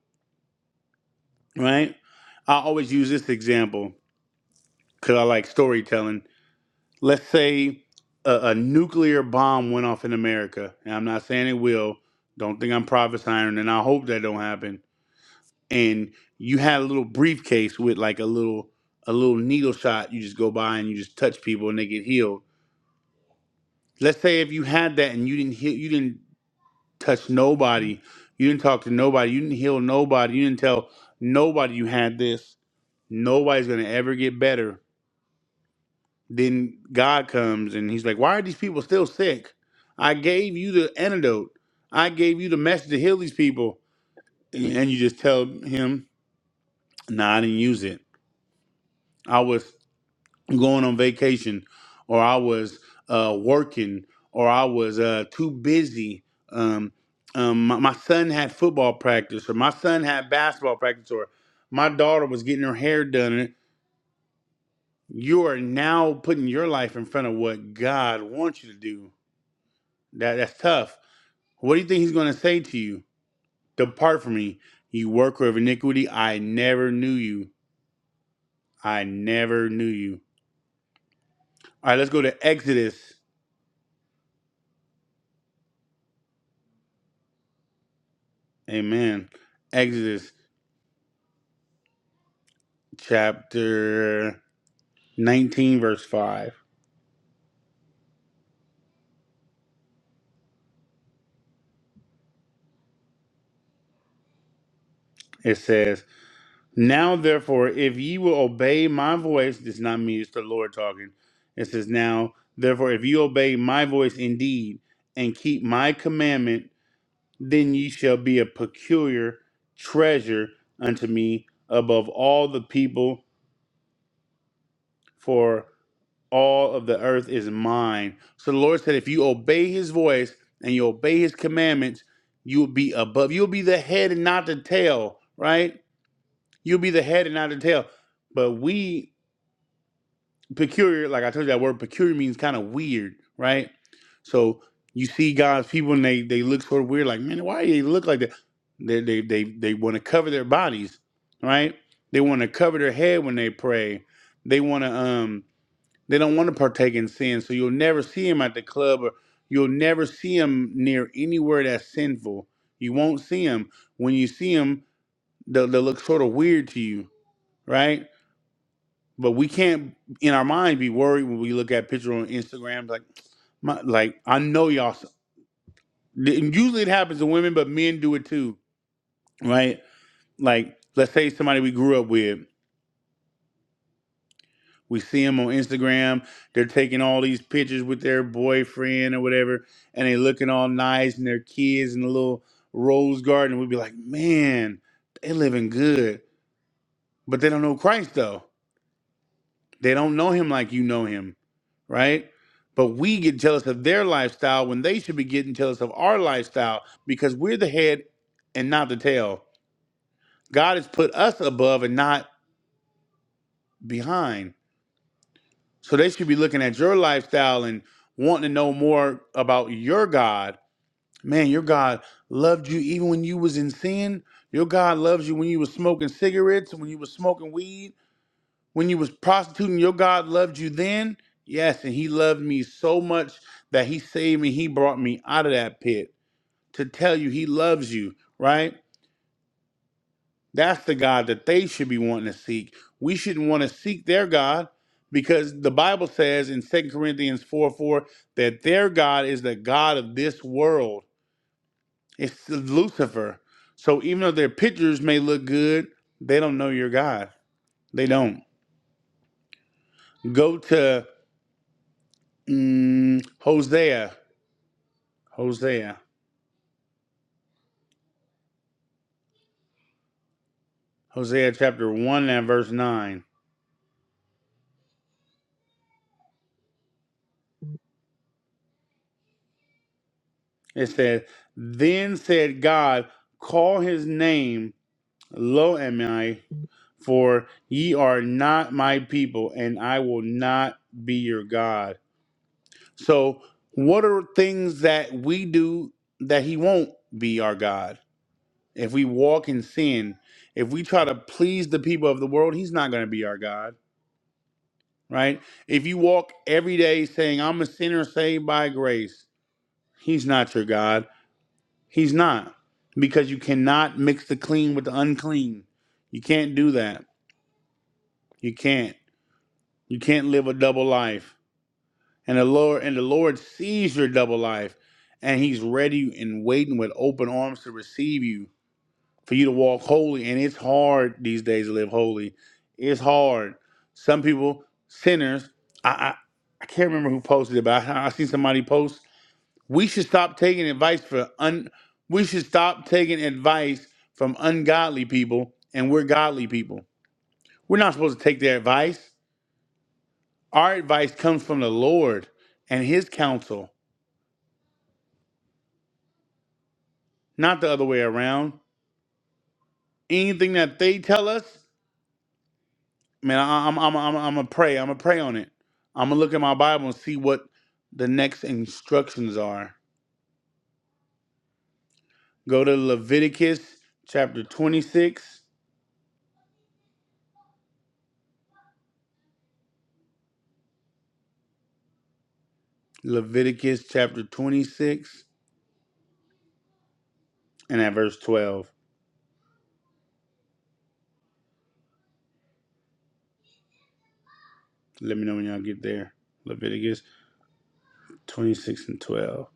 S2: right? I always use this example because I like storytelling. Let's say a, a nuclear bomb went off in America, and I'm not saying it will. Don't think I'm prophesying, and I hope that don't happen. And you had a little briefcase with like a little a little needle shot. You just go by and you just touch people, and they get healed. Let's say if you had that and you didn't heal, you didn't touch nobody, you didn't talk to nobody, you didn't heal nobody, you didn't tell nobody you had this. Nobody's gonna ever get better Then God comes and he's like, Why are these people still sick? I gave you the antidote. I gave you the message to heal these people. And and you just tell him, Nah, I didn't use it. I was going on vacation, or I was uh, working, or I was uh, too busy. Um, um, my, my son had football practice, or my son had basketball practice, or my daughter was getting her hair done. You are now putting your life in front of what God wants you to do That that's tough. What do you think he's gonna say to you? Depart from me, you worker of iniquity. I never knew you. I never knew you. All right, let's go to Exodus. Amen. Exodus chapter 19, verse 5. It says, Now therefore, if ye will obey my voice, this is not me, it's the Lord talking. It says, Now therefore, if you obey my voice indeed and keep my commandment, then ye shall be a peculiar treasure unto me above all the people, for all of the earth is mine. So the Lord said, if you obey his voice and you obey his commandments, you will be above, you'll be the head and not the tail, right? You'll be the head and not the tail. But we peculiar, like I told you, that word peculiar means kind of weird, right? So you see God's people and they they look sort of weird, like man, why do they look like that? They they they they want to cover their bodies, right? They want to cover their head when they pray. They want to um they don't want to partake in sin, so you'll never see them at the club or you'll never see them near anywhere that's sinful. You won't see them when you see them. They'll, they'll look sort of weird to you, right? But we can't in our mind be worried when we look at pictures on Instagram. Like, my, like I know y'all. And usually it happens to women, but men do it too, right? Like, let's say somebody we grew up with, we see them on Instagram. They're taking all these pictures with their boyfriend or whatever, and they looking all nice and their kids in the little rose garden. We'd be like, man, they living good, but they don't know Christ though They don't know him like you know him, right? But we get jealous of their lifestyle when they should be getting jealous of our lifestyle because we're the head and not the tail. God has put us above and not behind. So they should be looking at your lifestyle and wanting to know more about your God. Man, your God loved you even when you was in sin. Your God loves you when you was smoking cigarettes, when you was smoking weed when you was prostituting your god loved you then yes and he loved me so much that he saved me he brought me out of that pit to tell you he loves you right that's the god that they should be wanting to seek we shouldn't want to seek their god because the bible says in Second corinthians 4 4 that their god is the god of this world it's lucifer so even though their pictures may look good they don't know your god they don't go to mm, hosea Hosea, Hosea chapter 1 and verse 9. It says, Then said God, Call his name, Lo am I, for ye are not my people, and I will not be your God. So, what are things that we do that he won't be our God? If we walk in sin, if we try to please the people of the world, he's not going to be our God, right? If you walk every day saying, I'm a sinner saved by grace, He's not your God. He's not. Because you cannot mix the clean with the unclean. You can't do that. You can't. You can't live a double life. And the Lord and the Lord sees your double life. And he's ready and waiting with open arms to receive you, for you to walk holy. And it's hard these days to live holy. It's hard. Some people, sinners, I I, I can't remember who posted it, but I, I seen somebody post We should stop taking advice for un. We should stop taking advice from ungodly people, and we're godly people. We're not supposed to take their advice. Our advice comes from the Lord and His counsel, not the other way around. Anything that they tell us, man, I, I'm I'm I'm I'm gonna pray. I'm gonna pray on it. I'm gonna look at my Bible and see what the next instructions are. Go to Leviticus chapter 26. Leviticus chapter 26 and at verse 12. Let me know when y'all get there. Leviticus 26 and 12.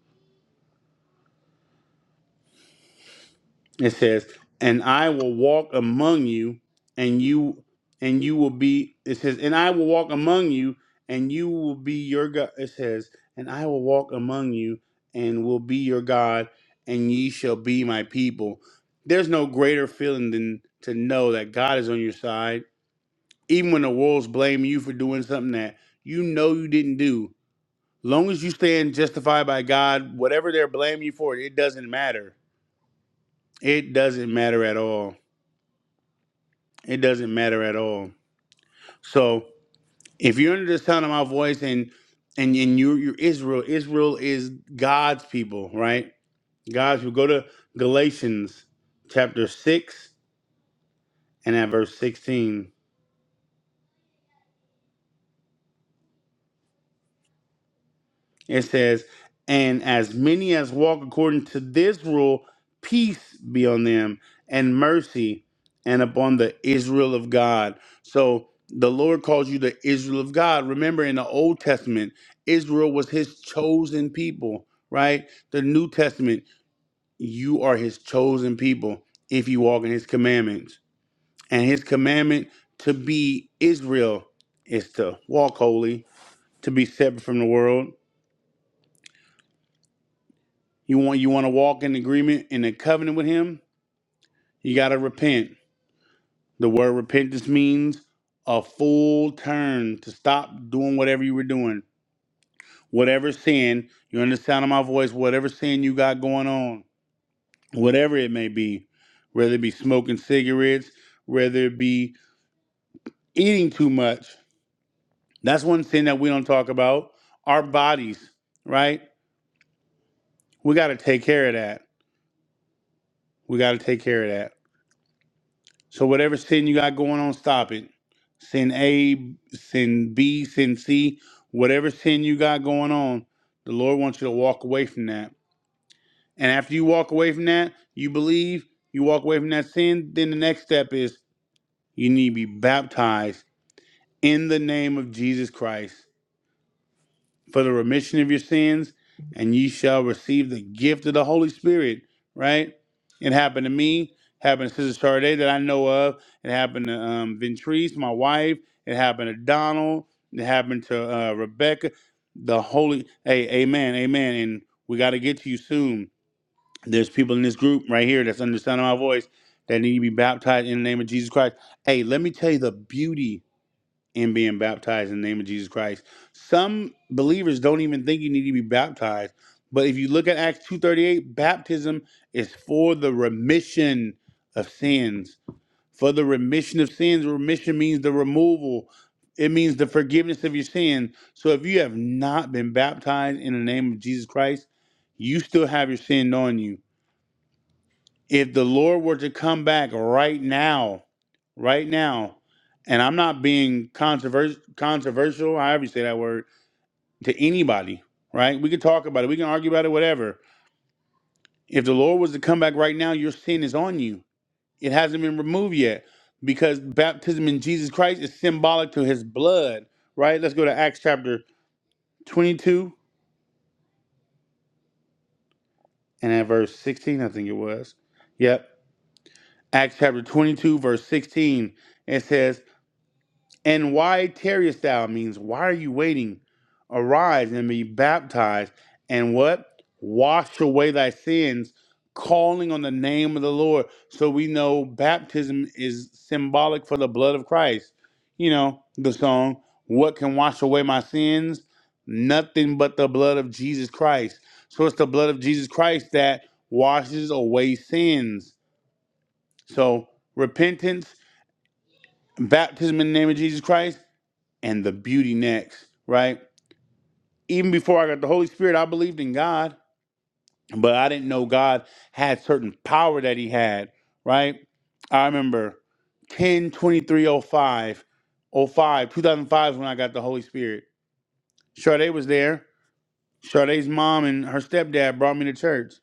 S2: It says, And I will walk among you, and you and you will be it says, and I will walk among you, and you will be your God. It says, and I will walk among you and will be your God, and ye shall be my people. There's no greater feeling than to know that God is on your side. Even when the world's blaming you for doing something that you know you didn't do, Long as you stand justified by God, whatever they're blaming you for, it doesn't matter. It doesn't matter at all. It doesn't matter at all. So if you're under the sound of my voice and and, and you're, you're Israel, Israel is God's people, right? God's people. Go to Galatians chapter 6 and at verse 16. It says, And as many as walk according to this rule, peace be on them and mercy and upon the Israel of God. So the Lord calls you the Israel of God. Remember in the Old Testament, Israel was his chosen people, right? The New Testament, you are his chosen people if you walk in his commandments. And his commandment to be Israel is to walk holy, to be separate from the world You want you want to walk in agreement in a covenant with him? You got to repent. The word repentance means a full turn to stop doing whatever you were doing. Whatever sin, you understand my voice, whatever sin you got going on, whatever it may be, whether it be smoking cigarettes, whether it be eating too much. That's one sin that we don't talk about. Our bodies, right? We got to take care of that. We got to take care of that. So whatever sin you got going on, stop it. Sin A, sin B, sin C, whatever sin you got going on, the Lord wants you to walk away from that. And after you walk away from that, you believe, you walk away from that sin, then the next step is you need to be baptized in the name of Jesus Christ for the remission of your sins, and ye shall receive the gift of the Holy Spirit. Right? It happened to me. Happened to Sister Charday that I know of. It happened to um, Ventrice, my wife. It happened to Donald. It happened to uh, Rebecca. The Holy, hey, Amen, Amen. And we got to get to you soon. There's people in this group right here that's under the sound of my voice that need to be baptized in the name of Jesus Christ. Hey, let me tell you the beauty and being baptized in the name of Jesus Christ. Some believers don't even think you need to be baptized, but if you look at Acts 2:38, baptism is for the remission of sins. For the remission of sins, remission means the removal. It means the forgiveness of your sin. So if you have not been baptized in the name of Jesus Christ, you still have your sin on you if the Lord were to come back right now, right now, and I'm not being controversial, controversial, however you say that word, to anybody, right? We can talk about it, we can argue about it, whatever. If the Lord was to come back right now, your sin is on you. It hasn't been removed yet because baptism in Jesus Christ is symbolic to his blood, right? Let's go to Acts chapter 22 and at verse 16, I think it was. Yep. Acts chapter 22, verse 16. It says, And why tarriest thou means why are you waiting? Arise and be baptized, and what? Wash away thy sins, calling on the name of the Lord. So we know baptism is symbolic for the blood of Christ. You know, the song, What Can Wash Away My Sins? Nothing but the blood of Jesus Christ. So it's the blood of Jesus Christ that washes away sins. So repentance, baptism in the name of Jesus Christ and the beauty next, right? Even before I got the Holy Spirit, I believed in God, but I didn't know God had certain power that He had, right? I remember 10 23 oh five, oh five two thousand five is when I got the Holy Spirit. Sade was there. Sade's mom and her stepdad brought me to church.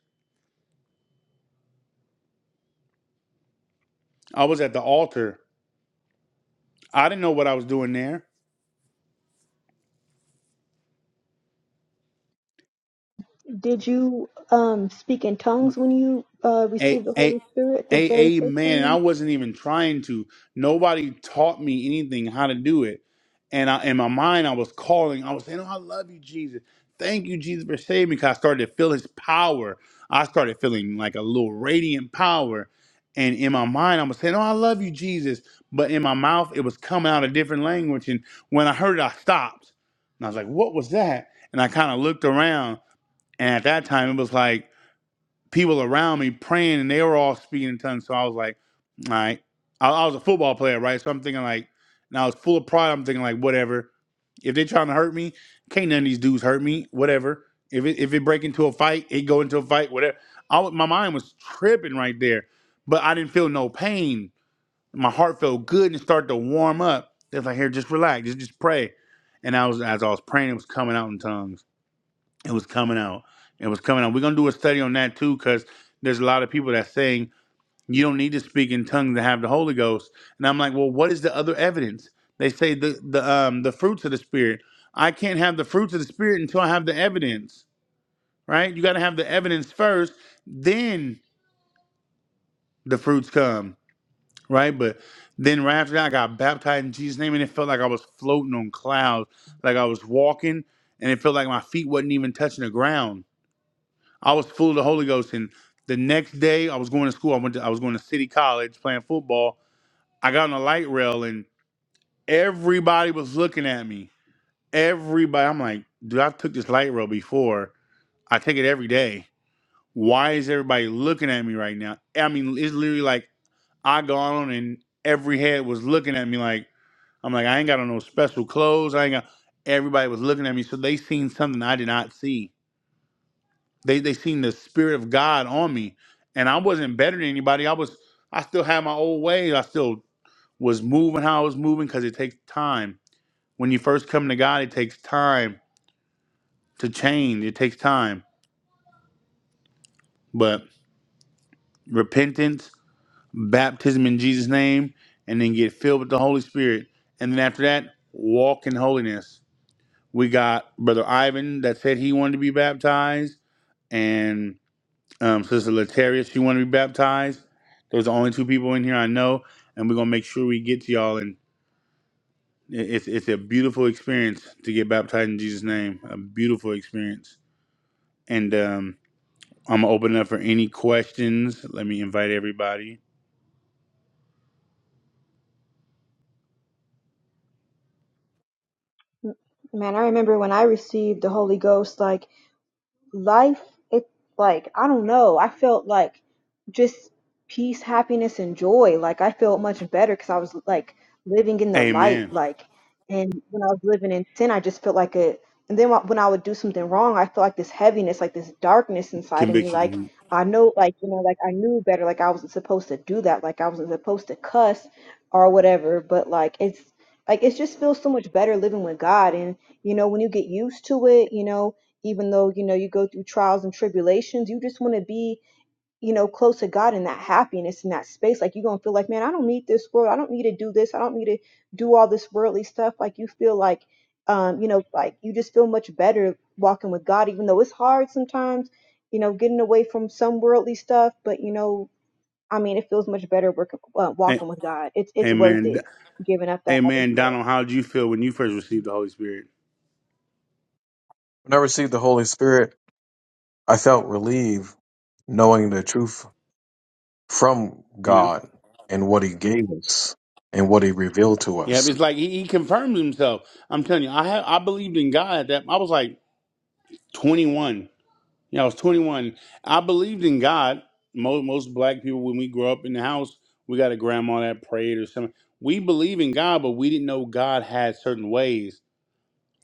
S2: I was at the altar. I didn't know what I was doing there.
S5: Did you um speak in tongues when you uh
S2: A,
S5: received the
S2: a,
S5: Holy Spirit the
S2: a,
S5: very first
S2: amen. I
S5: time?
S2: wasn't even trying to. Nobody taught me anything how to do it. And I, in my mind, I was calling. I was saying, "Oh, I love you, Jesus. Thank you, Jesus, for saving me." Because I started to feel His power. I started feeling like a little radiant power. And in my mind, I was saying, "Oh, I love you, Jesus." But in my mouth, it was coming out a different language. And when I heard it, I stopped. And I was like, "What was that?" And I kind of looked around. And at that time, it was like people around me praying and they were all speaking in tongues. So I was like, all right. I, I was a football player, right? So I'm thinking like, and I was full of pride. I'm thinking like, whatever. If they are trying to hurt me, can't none of these dudes hurt me. Whatever. If it if it break into a fight, it go into a fight. Whatever. I, wa- my mind was tripping right there, but I didn't feel no pain. My heart felt good and started to warm up. They're like, here, just relax, just just pray. And I was as I was praying, it was coming out in tongues it was coming out. It was coming out. We're gonna do a study on that too, because there's a lot of people that saying you don't need to speak in tongues to have the Holy Ghost. And I'm like, well, what is the other evidence? They say the the um the fruits of the Spirit. I can't have the fruits of the Spirit until I have the evidence, right? You got to have the evidence first, then the fruits come, right? But then right after that, I got baptized in Jesus' name, and it felt like I was floating on clouds, like I was walking, and it felt like my feet wasn't even touching the ground I was full of the Holy Ghost, and the next day I was going to school. I went. To, I was going to City College playing football. I got on a light rail, and everybody was looking at me. Everybody, I'm like, dude, I've took this light rail before. I take it every day. Why is everybody looking at me right now? I mean, it's literally like I got on, and every head was looking at me. Like I'm like, I ain't got on no special clothes. I ain't got. Everybody was looking at me, so they seen something I did not see They they seen the spirit of God on me, and I wasn't better than anybody. I was I still had my old ways. I still was moving how I was moving because it takes time. When you first come to God, it takes time to change. It takes time, but repentance, baptism in Jesus' name, and then get filled with the Holy Spirit, and then after that, walk in holiness. We got brother Ivan that said he wanted to be baptized, Um, Sister Latarius, you want to be baptized? Those are the only two people in here I know, and we're gonna make sure we get to y'all. And it- it's it's a beautiful experience to get baptized in Jesus' name. A beautiful experience. And um, I'm gonna open it up for any questions. Let me invite everybody.
S5: Man, I remember when I received the Holy Ghost, like life it like i don't know i felt like just peace happiness and joy like i felt much better because i was like living in the light
S2: Amen.
S5: like and when i was living in sin i just felt like a and then wh- when i would do something wrong i felt like this heaviness like this darkness inside of me like
S2: Conviction.
S5: i know like you know like i knew better like i wasn't supposed to do that like i wasn't supposed to cuss or whatever but like it's like it just feels so much better living with god and you know when you get used to it you know even though you know you go through trials and tribulations you just want to be you know close to god in that happiness in that space like you're gonna feel like man i don't need this world i don't need to do this i don't need to do all this worldly stuff like you feel like um you know like you just feel much better walking with god even though it's hard sometimes you know getting away from some worldly stuff but you know i mean it feels much better work, uh,
S2: A-
S5: walking with god it's it's worth
S2: Amen.
S5: it giving up that other
S2: Amen.
S5: stuff
S2: Donald, how did you feel when you first received the Holy Spirit?
S4: When I received the Holy Spirit, I felt relieved knowing the truth from
S2: You know.
S4: God and what He gave us and what He revealed to
S2: Yeah,
S4: us.
S2: it's like he, he confirms himself. I'm telling you, I have, I believed in God at that. I was like 21. Yeah, I was 21. I believed in God. Most, most black people, when we grow up in the house, we got a grandma that prayed or something. We believe in God, but we didn't know God had certain ways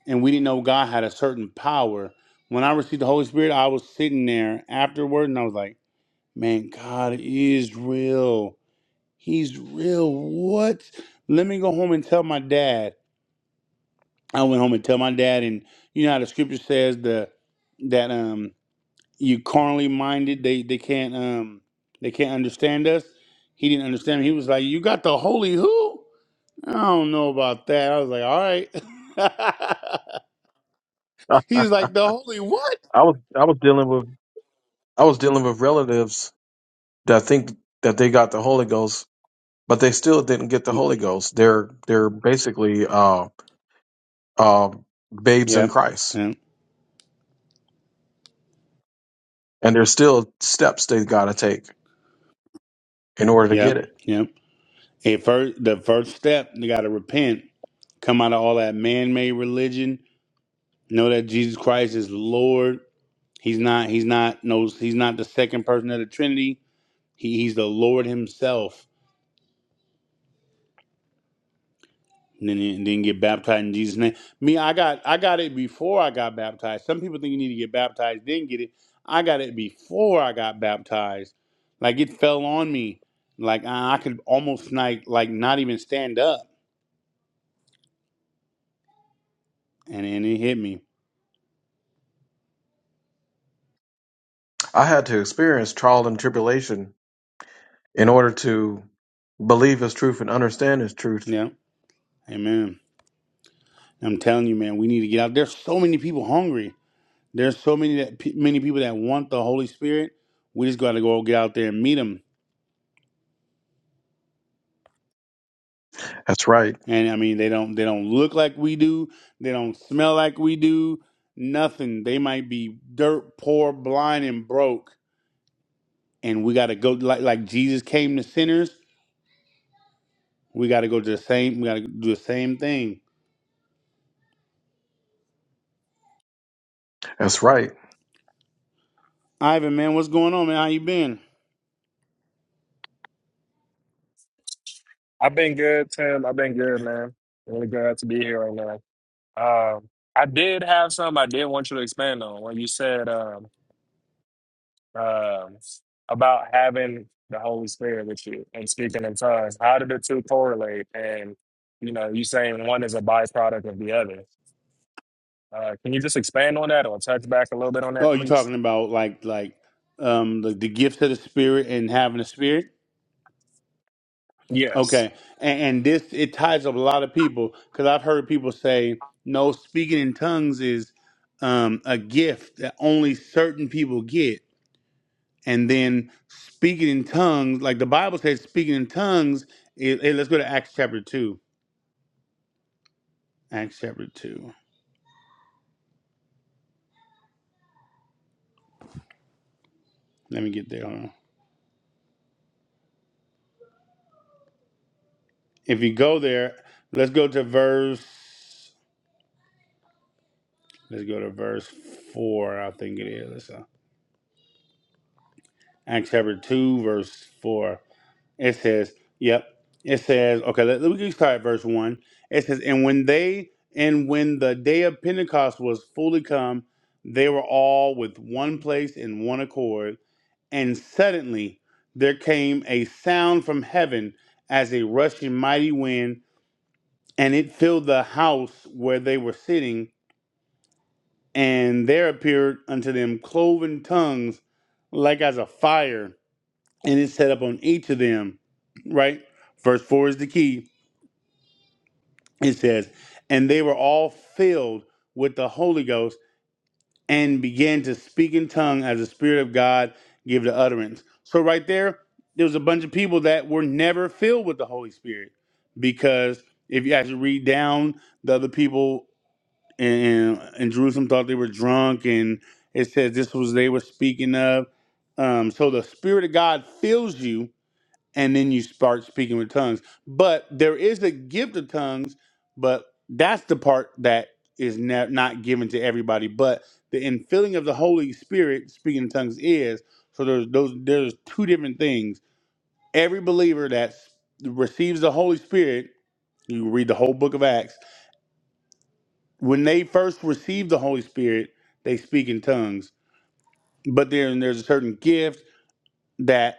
S2: and we didn't know God had a certain power. When I received the Holy Spirit, I was sitting there afterward and I was like, man, God is real. He's real. What? Let me go home and tell my dad. I went home and tell my dad, and you know how the scripture says the that um you carnally minded they they can't um they can't understand us he didn't understand me. he was like you got the holy who i don't know about that i was like all right
S4: I,
S2: he's like the holy what
S4: I was I was dealing with I was dealing with relatives that think that they got the Holy Ghost but they still didn't get the Holy Ghost. They're they're basically uh, uh, babes in
S2: yep
S4: Christ,
S2: yep
S4: and there's still steps they got to take in order to get
S2: yep
S4: it.
S2: yep hey, first the first step you got to repent come out of all that man-made religion know that jesus christ is lord he's not he's not no he's not the second person of the trinity he, he's the lord himself and then, and then get baptized in Jesus' name. Me, I got I got it before I got baptized. Some people think you need to get baptized then get it. I got it before I got baptized. Like it fell on me. Like I, I could almost like like not even stand up, and then it hit me.
S4: I had to experience trial and tribulation in order to believe His truth and understand His truth.
S2: Yeah, Amen. I'm telling you, man, we need to get out. There's so many people hungry. There's so many that many people that want the Holy Spirit. We just got to go get out there and meet them.
S4: That's right.
S2: And I mean, they don't they don't look like we do. They don't smell like we do. Nothing. They might be dirt poor, blind, and broke. And we got to go like like Jesus came to sinners. We got to go to the same. We got to do the same thing.
S4: That's right.
S2: Ivan, man, what's going on, man? How you been?
S7: I've been good, Tim. I've been good, man. Really glad to be here right now. Um, I did have some I did want you to expand on when you said um, um, about having the Holy Spirit with you and speaking in tongues. How do the two correlate? And you know, you saying one is a byproduct of the other. Uh, can you just expand on that or touch back a little bit on
S2: Oh,
S7: that,
S2: you
S7: please?
S2: talking about like like um the, the gifts of the spirit and having a spirit?
S7: Yes.
S2: Okay, and, and this it ties up a lot of people because I've heard people say no, speaking in tongues is um, a gift that only certain people get, and then speaking in tongues, like the Bible says, speaking in tongues. It, it- let's go to Acts chapter two. Acts chapter two. Let me get there. Hold on. If you go there, let's go to verse. Let's go to verse four. I think it is. Acts chapter two, verse four. It says, yep. It says, okay, let, let me start at verse one. It says, and when they and when the day of Pentecost was fully come, they were all with one place in one accord, and suddenly there came a sound from heaven as a rushing mighty wind, and it filled the house where they were sitting, and there appeared unto them cloven tongues like as a fire, and it set up on each of them. Right? Verse 4 is the key it says, and they were all filled with the Holy Ghost and began to speak in tongue as the Spirit of God gave the utterance. So right there, there was a bunch of people that were never filled with the Holy Spirit because if you actually read down, the other people in, in Jerusalem thought they were drunk, and it says this was they were speaking of. Um, so the Spirit of God fills you and then you start speaking with tongues. But there is a gift of tongues, but that's the part that is ne- not given to everybody. But the infilling of the Holy Spirit, speaking in tongues, is so. There's those. There's two different things. Every believer that s- receives the Holy Spirit, you read the whole book of Acts. When they first receive the Holy Spirit, they speak in tongues. But then there's a certain gift that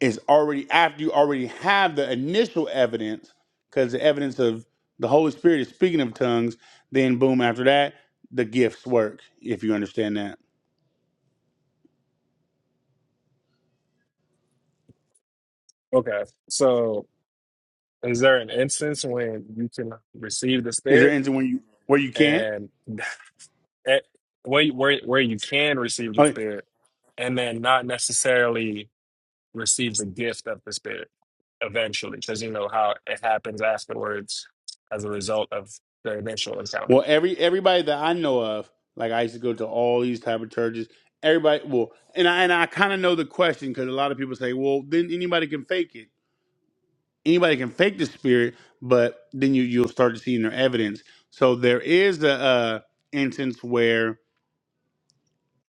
S2: is already after you already have the initial evidence because the evidence of the holy spirit is speaking of tongues then boom after that the gifts work if you understand that
S7: Okay. So, is there an instance when you can receive the
S2: is there
S7: Spirit
S2: anything where you where you can't
S7: and at, where where where you can receive the
S2: okay.
S7: Spirit, and then not necessarily receives a gift of the Spirit eventually, because you know how it happens afterwards as a result of the initial encounter.
S2: well every everybody that i know of like i used to go to all these type of churches everybody well and i and i kind of know the question because a lot of people say well then anybody can fake it anybody can fake the spirit but then you you'll start to see in their evidence so there is a uh instance where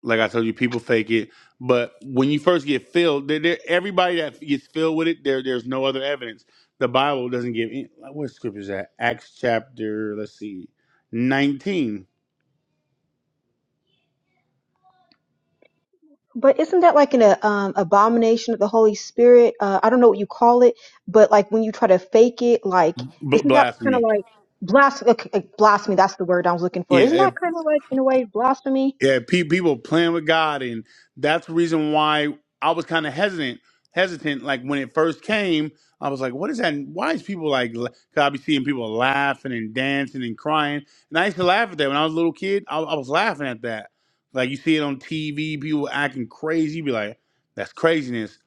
S2: like I told you, people fake it. But when you first get filled, there, there, everybody that gets filled with it, there, there's no other evidence. The Bible doesn't give any. like, What scripture is that? Acts chapter, let's see, 19,
S5: But isn't that like an uh, um, abomination of the Holy Spirit? Uh, I don't know what you call it, but like when you try to fake it, like
S2: b-
S5: isn't that kind of
S2: blasphemy.
S5: like blas- okay, uh, blasphemy? That's the word I was looking for. Isn't
S2: Yeah,
S5: that kind of like in a way blasphemy?
S2: Yeah, pe- people playing with God, and that's the reason why I was kind of hesitant. Hesitant, like when it first came, I was like, "What is that? And Why is people like?" la- Cause I be seeing people laughing and dancing and crying, and I used to laugh at that when I was a little kid. I, I was laughing at that. Like you see it on TV, people acting crazy. You be like, "That's craziness."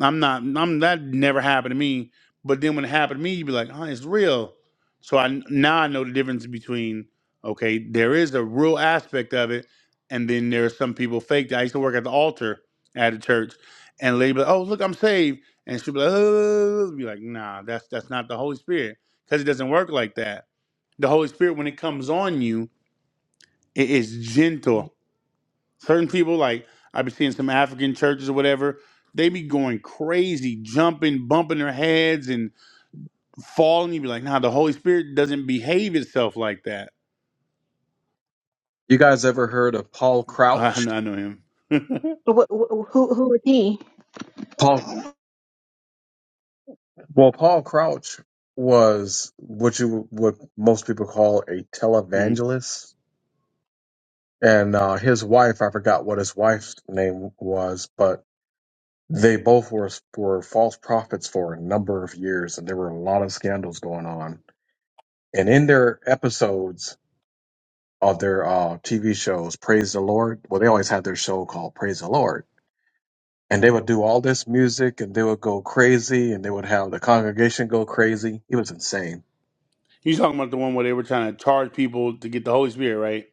S2: I'm not. I'm that never happened to me. But then when it happened to me, you be like, "Oh, it's real." So I now I know the difference between okay, there is a real aspect of it and then there are some people faked. I used to work at the altar at a church, and a lady be like, "Oh, look, I'm saved," and she'd be like, "Oh," be like, "Nah, that's that's not the Holy Spirit, because it doesn't work like that. The Holy Spirit, when it comes on you, it is gentle. Certain people, like I've been seeing some African churches or whatever, they be going crazy, jumping, bumping their heads, and falling. you be like, "Nah, the Holy Spirit doesn't behave itself like that."
S4: You guys ever heard of Paul
S2: I
S4: Crouch?
S2: know, I know him.
S5: Wh- wh- Who who is he?
S4: Paul. Well, Paul Crouch was what you what most people call a
S2: Mm.
S4: televangelist. and uh, his wife i forgot what his wife's name was but they both were were false prophets for a number of years and there were a lot of scandals going on and in their episodes of their uh, tv shows praise the lord well they always had their show called praise the lord and they would do all this music and they would go crazy and they would have the congregation go crazy It was insane
S2: You talking about the one where they were trying to charge people to get the Holy Spirit, right?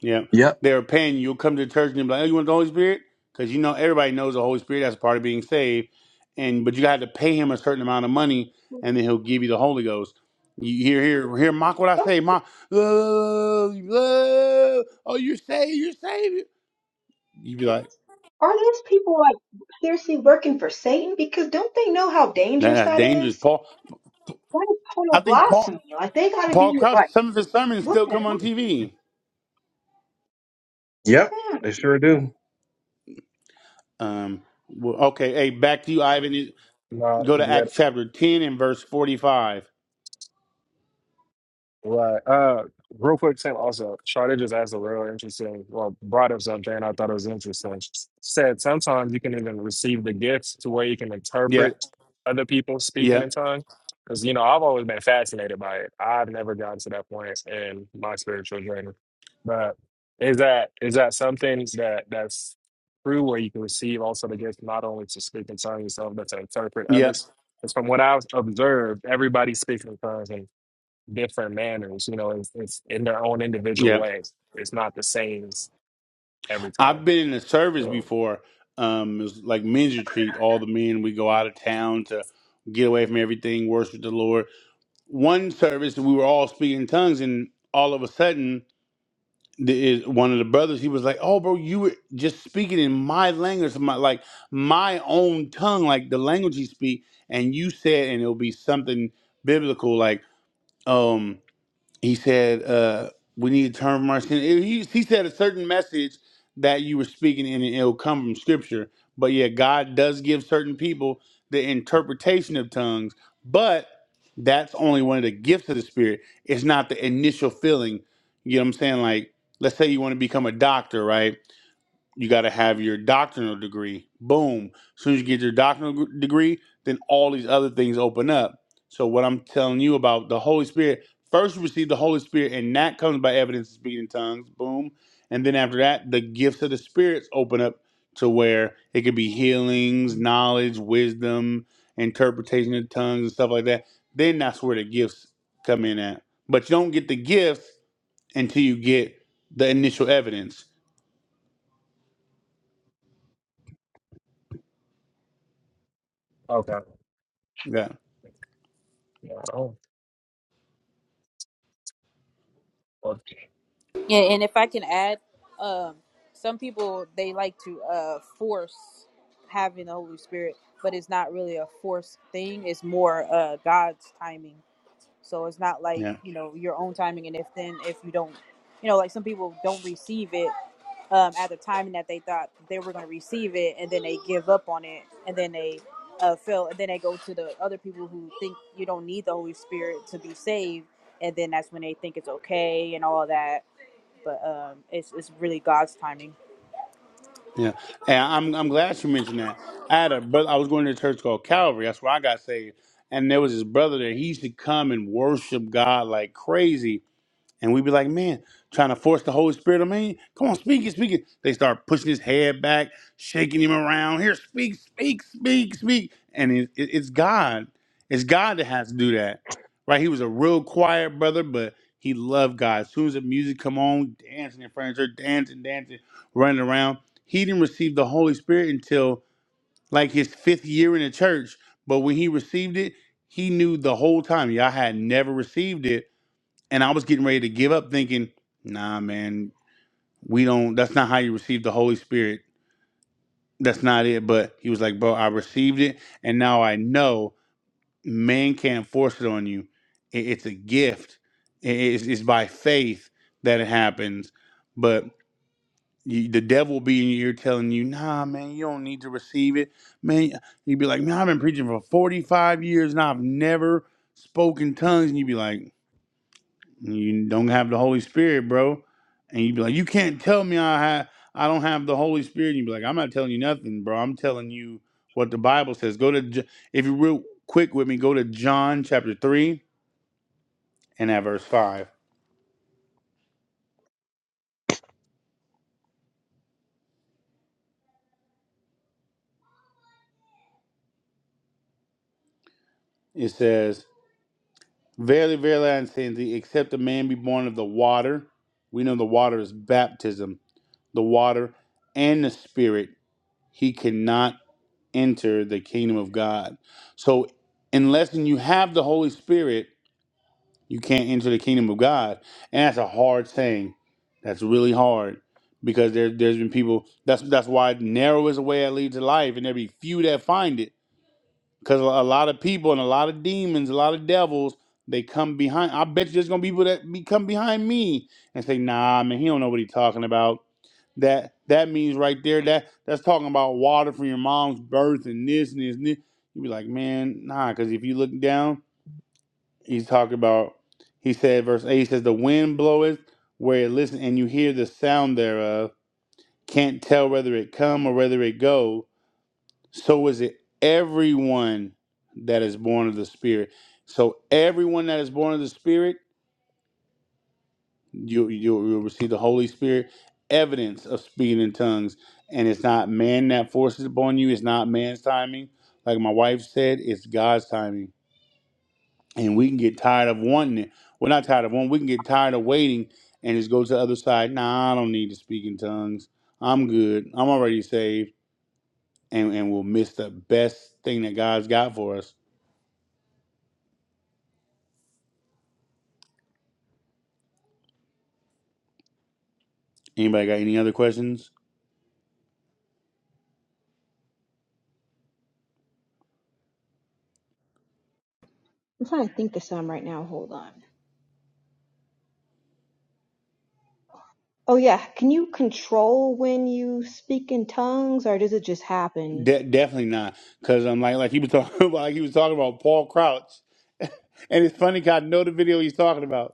S2: Yeah,
S4: yep
S2: they're paying you. You'll come to church and you'll be like, "Oh, you want the Holy Spirit?" Because you know everybody knows the Holy Spirit. That's part of being saved, and but you got to pay him a certain amount of money, and then he'll give you the Holy Ghost. You hear, hear, hear, mock what I
S5: Those-
S2: say, mock. Oh, oh, oh, you're saved, you're saved. You'd be like,
S5: Are those people like seriously working for Satan? Because don't they know how
S2: "Nah,
S5: dangerous
S2: that's
S5: that
S2: dangerous,
S5: is?
S2: Paul.
S5: That is
S2: I
S5: total
S2: think Paul,
S5: blasphemy. Like they gotta be
S2: Paul Crouch.
S5: like,
S2: Some of his sermons
S5: what
S2: still
S5: the
S2: come on
S5: hell?
S2: TV.
S4: yep
S5: Man.
S4: they sure do
S2: Um, well, okay, hey, back to you, Ivan.
S7: No,
S2: Go to Acts
S7: yes.
S2: chapter ten and verse forty-five.
S7: Right. Uh, real quick, Tim. Also, Charlotte just asked a real interesting, well, brought up something I thought it was interesting. She said sometimes you can even receive the gifts to where you can
S2: Yeah,
S7: interpret other people
S2: yeah,
S7: speaking in tongues. Because you know, I've always been fascinated by it. I've never gotten to that point in my spiritual journey. But is that is that something that that's true where you can receive also the gifts not only to speak in tongues yourself, but to interpret
S2: yeah,
S7: others? Because from what I've observed, everybody speaks in tongues different manners. You know, it's, it's in their own individual
S2: yeah.
S7: ways. It's not the same every time.
S2: I've been in the service
S7: So
S2: before. Um, it was like men's retreat. All the men we go out of town to get away from everything, worship the Lord. One service we were all speaking in tongues, and all of a sudden, the, is one of the brothers he was like, "Oh, bro, you were just speaking in my language, my like my own tongue, like the language you speak." And you said, and it'll be something biblical, like. um. he said uh, we need to turn from our sin. He, he said a certain message that you were speaking in, and it'll come from scripture. But yeah, God does give certain people the interpretation of tongues, but that's only one of the gifts of the spirit. It's not the initial feeling. You know what I'm saying? Like, let's say you want to become a doctor, right? you got to have your doctoral degree. Boom. As soon as you get your doctoral gr- degree, then all these other things open up. So, what I'm telling you about the Holy Spirit, first you receive the Holy Spirit, and that comes by evidence of speaking in tongues. Boom. And then after that, the gifts of the spirits open up to where it could be healings, knowledge, wisdom, interpretation of tongues, and stuff like that. Then that's where the gifts come in at. But you don't get the gifts until you get the initial evidence.
S7: okay.
S2: Yeah.
S7: Yeah. Oh, well.
S1: Yeah, and if I can add, um, some people they like to uh force having the Holy Spirit, but it's not really a forced thing. It's more uh God's timing. So it's not like,
S2: Yeah.
S1: you know, your own timing. And if then, if you don't, you know, like some people don't receive it um, at the timing that they thought they were going to receive it, and then they give up on it, and then they uh, fail, and then they go to the other people who think you don't need the Holy Spirit to be saved, and then that's when they think it's okay and all that. But um, it's it's really God's timing.
S2: Yeah, and I'm I'm glad you mentioned that. I had a brother. I was going to a church called Calvary. That's where I got saved. And there was this brother there. He used to come and worship God like crazy. And we'd be like, man, trying to force the Holy Spirit on me. Come on, speak it, speak it. They start pushing his head back, shaking him around. Here, speak, speak, speak, speak. And it, it- it's God. It's God that has to do that, right? He was a real quiet brother, but he loved God. As soon as the music come on, dancing in front of the church, dancing, dancing, running around. He didn't receive the Holy Spirit until like his fifth year in the church. But when he received it, he knew the whole time. Y'all had never received it and I was getting ready to give up, thinking, "Nah, man, we don't. That's not how you receive the Holy Spirit. That's not it." But he was like, "Bro, I received it, and now I know man can't force it on you. It, it's a gift. It- it's, it's by faith that it happens. But you, the devil will be in your ear telling you, "Nah, man, you don't need to receive it, man." You'd be like, "Man, I've been preaching for forty five years, and I've never spoken tongues," and you'd be like. You don't have the Holy Spirit, bro. And you'd be like, you can't tell me I ha- I don't have the Holy Spirit. You'd be like, I'm not telling you nothing, bro. I'm telling you what the Bible says. Go to J- if you're real quick with me, go to John chapter three and at verse five. It says, "Verily, verily, I say unto thee, except a man be born of the water, we know the water is baptism, the water and the Spirit, he cannot enter the kingdom of God. So, unless you have the Holy Spirit." You can't enter the kingdom of God. And that's a hard thing. That's really hard because there, there's been people. That's that's why narrow is the way that leads to life, and there be few that find it. Because a a lot of people and a lot of demons, a lot of devils, they come behind. I bet you there's gonna be people that be, come behind me and say, "Nah, man, he don't know what he's talking about." That that means right there that that's talking about water from your mom's birth and this and this. And this. You be like, man, nah, because if you look down. He's talking about, he said, verse 8, he says, The wind bloweth where it listens, and you hear the sound thereof, can't tell whether it come or whether it go. So is it everyone that is born of the Spirit. So everyone that is born of the Spirit, you, you will receive the Holy Spirit, evidence of speaking in tongues. And it's not man that forces upon you, it's not man's timing. Like my wife said, it's God's timing and we can get tired of wanting it. We're not tired of wanting. We can get tired of waiting and just go to the other side. Nah, I don't need to speak in tongues. I'm good. I'm already saved, and and we'll miss the best thing that God's got for us. Anybody got any other questions?
S5: I'm trying to think this time right now. Hold on. Oh yeah, can you control when you speak in tongues or does it just happen?
S2: De- definitely not, because I'm like like he was talking about like he was talking about Paul Crouch, and it's funny 'cause I know the video he's talking about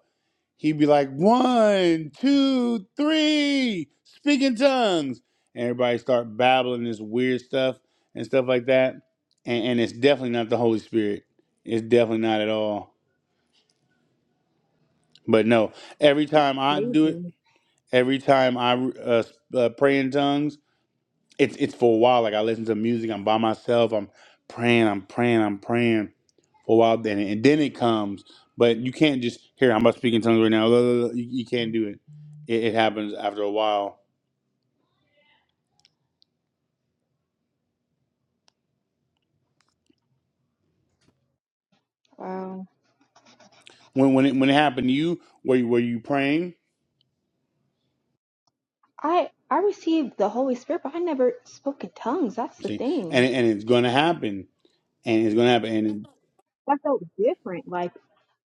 S2: He'd be like, one, two, three, speak in tongues. And everybody start babbling this weird stuff and stuff like that. And, and it's definitely not the Holy Spirit. It's definitely not at all. But no, every time I do it,
S5: Crazy.
S2: every time I uh, uh, pray in tongues, it's it's for a while. Like I listen to music, I'm by myself, I'm praying, I'm praying, I'm praying for a while. Then and then it comes, but you can't just here. I'm about to speak in tongues right now. blah, blah, blah. You, you can't do it. it. It happens after a while.
S5: Wow.
S2: When when it when it happened to you, were you were you praying?
S5: I I received the Holy Spirit, but I never spoke in tongues. That's the
S2: See, and
S5: thing.
S2: and it's going to happen, and it's going to happen, and
S5: That felt different. Like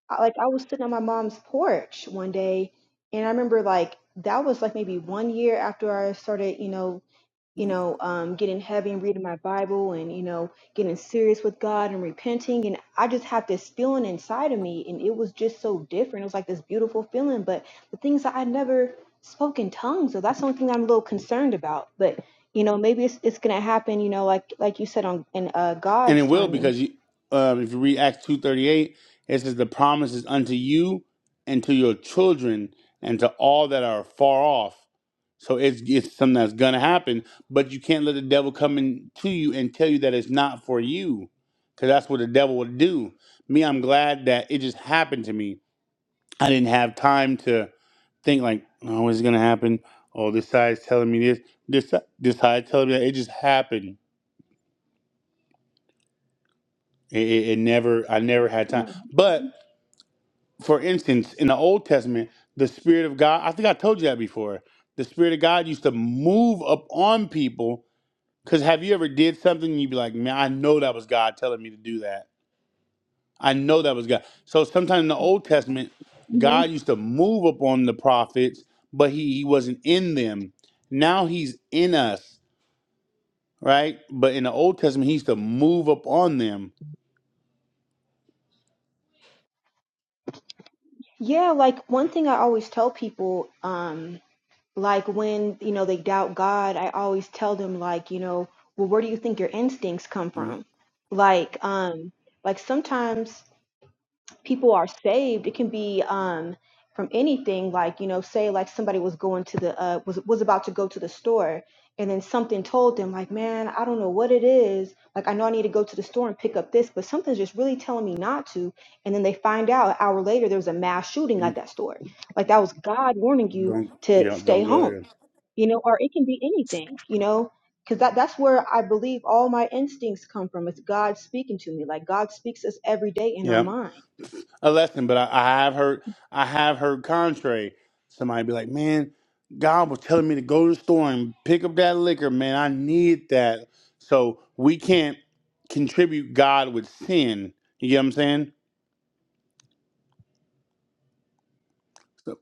S5: I, like I was sitting on my mom's porch one day, and I remember like that was like maybe one year after I started, you know, you know, um, getting heavy and reading my Bible and, you know, getting serious with God and repenting. And I just had this feeling inside of me. And it was just so different. It was like this beautiful feeling. But the things that I never spoke in tongues. So that's the only thing I'm a little concerned about. But, you know, maybe it's, it's going to happen, you know, like, like you said, on in uh,
S2: And it
S5: God's
S2: will
S5: timing.
S2: because you, um, if you read Acts two thirty eight, it says the promise is unto you and to your children and to all that are far off. So it's it's something that's gonna happen, but you can't let the devil come in to you and tell you that it's not for you, because that's what the devil would do. Me, I'm glad that it just happened to me. I didn't have time to think like, oh, it's gonna happen. Oh, this side's telling me this. This si- this side's telling me that. It just happened It, it, it never, I never had time.
S5: Oh, okay.
S2: But for instance, in the Old Testament, the Spirit of God, I think I told you that before. The Spirit of God used to move up on people. Cause have you ever did something and you'd be like, man, I know that was God telling me to do that. I know that was God. So sometimes in the Old Testament,
S5: Mhm.
S2: God used to move up on the prophets, but he, he wasn't in them. Now he's in us, right? But in the Old Testament, he used to move up on them.
S5: Yeah. Like one thing I always tell people, um, like when you know they doubt god i always tell them like you know well where do you think your instincts come
S2: Mm,
S5: from like um like sometimes people are saved it can be um from anything like you know say like somebody was going to the uh was was about to go to the store and then something told them like man i don't know what it is like i know i need to go to the store and pick up this but something's just really telling me not to and then they find out an hour later there was a mass shooting
S2: mm,
S5: at that store like that was god warning you
S2: Don't you
S5: to
S2: know,
S5: stay
S2: don't go
S5: home
S2: there.
S5: you know, or it can be anything, you know, because that, that's where I believe all my instincts come from. It's God speaking to me. Like God speaks us every day in our
S2: Yeah,
S5: mind.
S2: a lesson. But I, I have heard, I have heard contrary. Somebody be like, "Man, God was telling me to go to the store and pick up that liquor. Man, I need that." So we can't contribute God with sin. You get what I'm saying? So-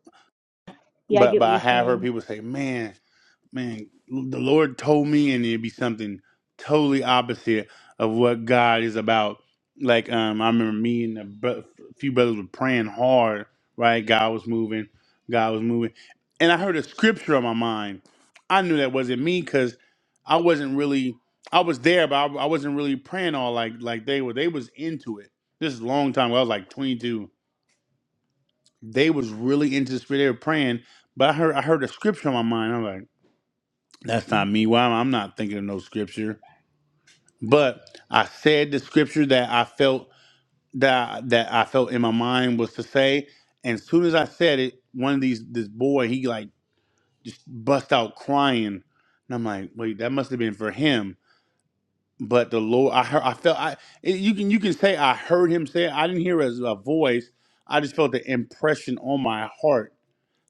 S5: Yeah, I
S2: But
S5: get what
S2: but I
S5: you're
S2: have heard
S5: saying.
S2: people say, "Man." man, the Lord told me, and it'd be something totally opposite of what God is about. Like, um, I remember me and a bro- few brothers were praying hard, right? God was moving, God was moving. And I heard a scripture on my mind. I knew that wasn't me because I wasn't really, I was there, but I, I wasn't really praying all like like they were. They was into it. This is a long time ago. I was like 22. They was really into the spirit. They were praying, but I heard I heard a scripture on my mind. I'm like, that's not me. Why am I- I'm not thinking of no scripture. But I said the scripture that I felt that that I felt in my mind was to say. And as soon as I said it, one of these this boy he like just bust out crying, and I'm like, wait, that must have been for him. But the Lord, I heard, I felt, I it, you can you can say I heard him say it. I didn't hear his a voice. I just felt the impression on my heart.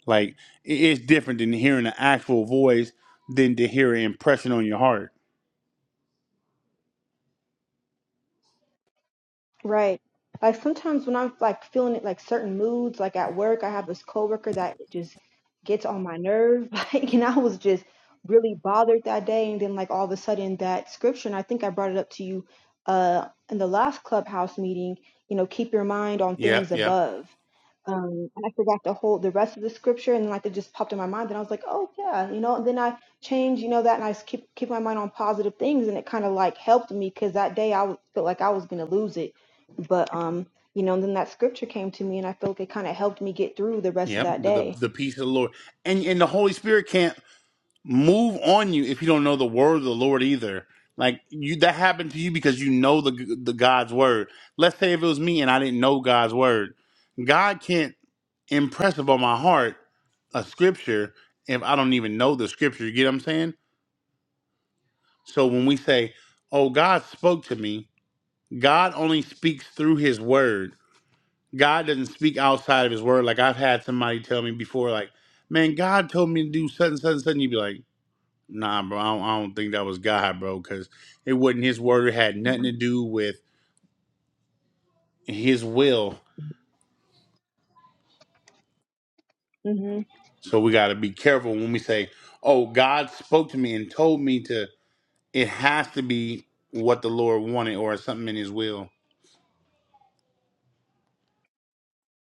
S2: Like it- it's different than hearing an actual voice than to hear an impression on your heart.
S5: Right. Like sometimes when I'm like feeling it, like certain moods, like at work, I have this coworker that just gets on my nerve. Like, and I was just really bothered that day. And then like all of a sudden that scripture, and I think I brought it up to you uh in the last clubhouse meeting, you know, keep your mind on
S2: Yeah,
S5: things
S2: yeah.
S5: above. Um, and I forgot the whole the rest of the scripture, and like it just popped in my mind. And I was like, oh yeah, you know. And then I changed, you know, that, and I just keep keep my mind on positive things, and it kind of like helped me because that day I was- felt like I was gonna lose it but um you know then that scripture came to me and i feel like it kind of helped me get through the rest of
S2: Yep,
S5: that
S2: the, the
S5: day
S2: the peace of the Lord, and and the Holy Spirit can't move on you if you don't know the word of the Lord either. Like you, that happened to you because you know the the God's word. Let's say if it was me and I didn't know God's word, God can't impress upon my heart a scripture if I don't even know the scripture. You get what I'm saying? So when we say, "Oh, God spoke to me," God only speaks through His word God doesn't speak outside of his word. Like I've had somebody tell me before, like, man, God told me to do something, something, something. You'd be like, nah, bro, I don't, I don't think that was God, bro, because it wasn't his word. It had nothing to do with his will.
S5: hmm
S2: So we got to be careful when we say, oh, God spoke to me and told me to, it has to be what the Lord wanted or something in his will.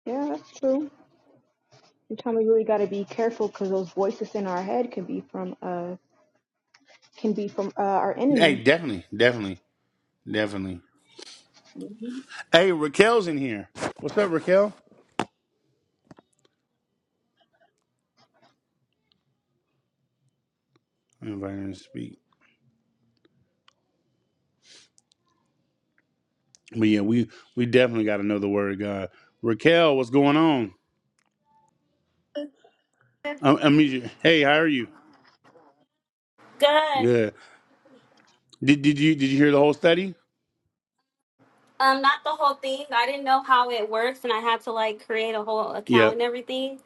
S5: yeah that's true sometimes we really got to be careful because those voices in our head can be from uh can be from uh, our
S2: Hey,
S5: enemy
S2: definitely, definitely, definitely.
S5: Mhm.
S2: Hey, Raquel's in here. What's up, Raquel? Invite her to speak. But yeah, we we definitely got to know the word of God. Raquel, what's going on? I, I mean, you- hey, how are you?
S8: Good.
S2: Good. Did did you did you hear the whole study?
S8: Um, not the whole thing. I didn't know how it works, and I had to like create a whole account
S2: Yep,
S8: and everything.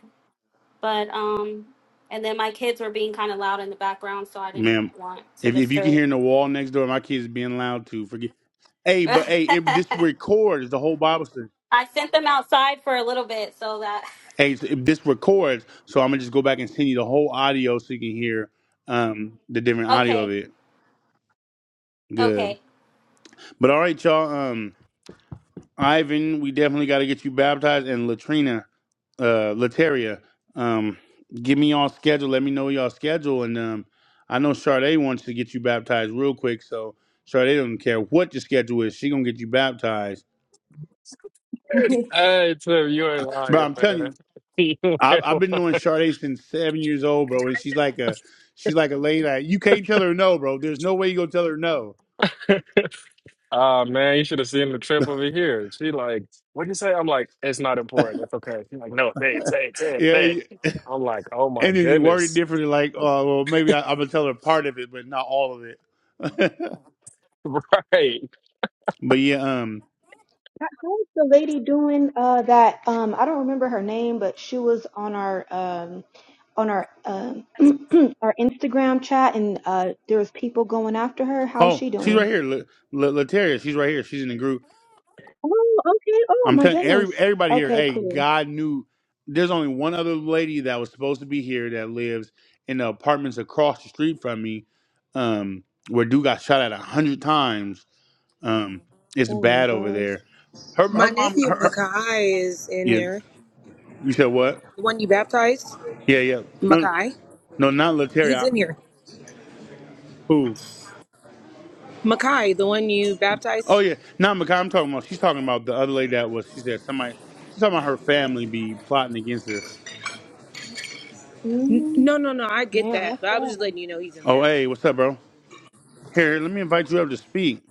S8: But um, and then my kids were being kind of loud in the background, so I didn't
S2: ma'am.
S8: want to
S2: If if you can
S8: disturb.
S2: hear in the wall next door, my kids being loud too. Forget. Hey, but
S8: I
S2: hey, if this records the whole Bible study.
S8: sent them outside for a little bit so that.
S2: Hey, so if this records, so I'm gonna just go back and send you the whole audio so you can hear um the different audio
S8: Okay.
S2: of it. Good.
S8: Okay.
S2: But all right, y'all. Um, Ivan, we definitely got to get you baptized, and Latrina, uh, Lateria, um, give me y'all schedule. Let me know y'all schedule, and um, I know Sade wants to get you baptized real quick, so Sade don't care what your schedule is. She gonna get you baptized,
S7: Hey, Tim, you ain't
S2: bro.
S7: lying,
S2: I'm telling
S7: man.
S2: you,
S7: You
S2: I,
S7: ain't
S2: I've been knowing
S7: lying.
S2: Sade since seven years old, bro, and she's like a she's like a lady. Like, you can't tell her no, bro. There's no way you gonna tell her no.
S7: Ah, man, you should have seen the trip over here. She like, what'd you say? I'm like, it's not important. It's okay. She's like, no, pay it, pay it, pay it, pay
S2: Yeah,
S7: it. I'm like, oh my
S2: and then you word it
S7: goodness.
S2: differently, like, oh, well, maybe I, I'm gonna tell her part of it, but not all of it.
S7: Right.
S2: but yeah, um.
S5: What was the lady doing uh, that? Um, I don't remember her name, but she was on our um, on our um, our Instagram chat, and uh, there was people going after her. How's
S2: Oh,
S5: she
S2: she's right
S5: doing?
S2: here, La- La- Lataria. She's right here. She's in the group.
S5: Oh, okay. Oh
S2: I'm
S5: my
S2: telling every
S5: goodness.
S2: everybody here.
S5: Okay,
S2: Hey,
S5: cool.
S2: God knew. There's only one other lady that was supposed to be here that lives in the apartments across the street from me, um, where dude got shot at a hundred times. Um, it's
S5: Oh my
S2: bad over
S5: god.
S2: there. Her
S3: my.
S2: her
S3: My
S2: mom. Her,
S3: nephew
S2: her-
S3: Makai is in
S2: yeah.
S3: there.
S2: You said what?
S3: The one you baptized,
S2: Yeah, yeah. No, no,
S3: Makai.
S2: no, not
S3: He's
S2: Lataria.
S3: in here.
S2: Who?
S3: Makai, the one you
S2: Oh
S3: baptized.
S2: yeah, not Makai. I'm talking about. She's talking about the other lady that was. She said somebody. She's talking about her family be plotting against her.
S3: N-
S5: hmm
S3: No, no, no. I get
S5: Yeah,
S3: that,
S5: that's
S3: but I was just
S5: wild.
S3: letting you know he's in
S2: Oh,
S3: there.
S2: hey, what's up, bro? Here, let me invite you up to speak.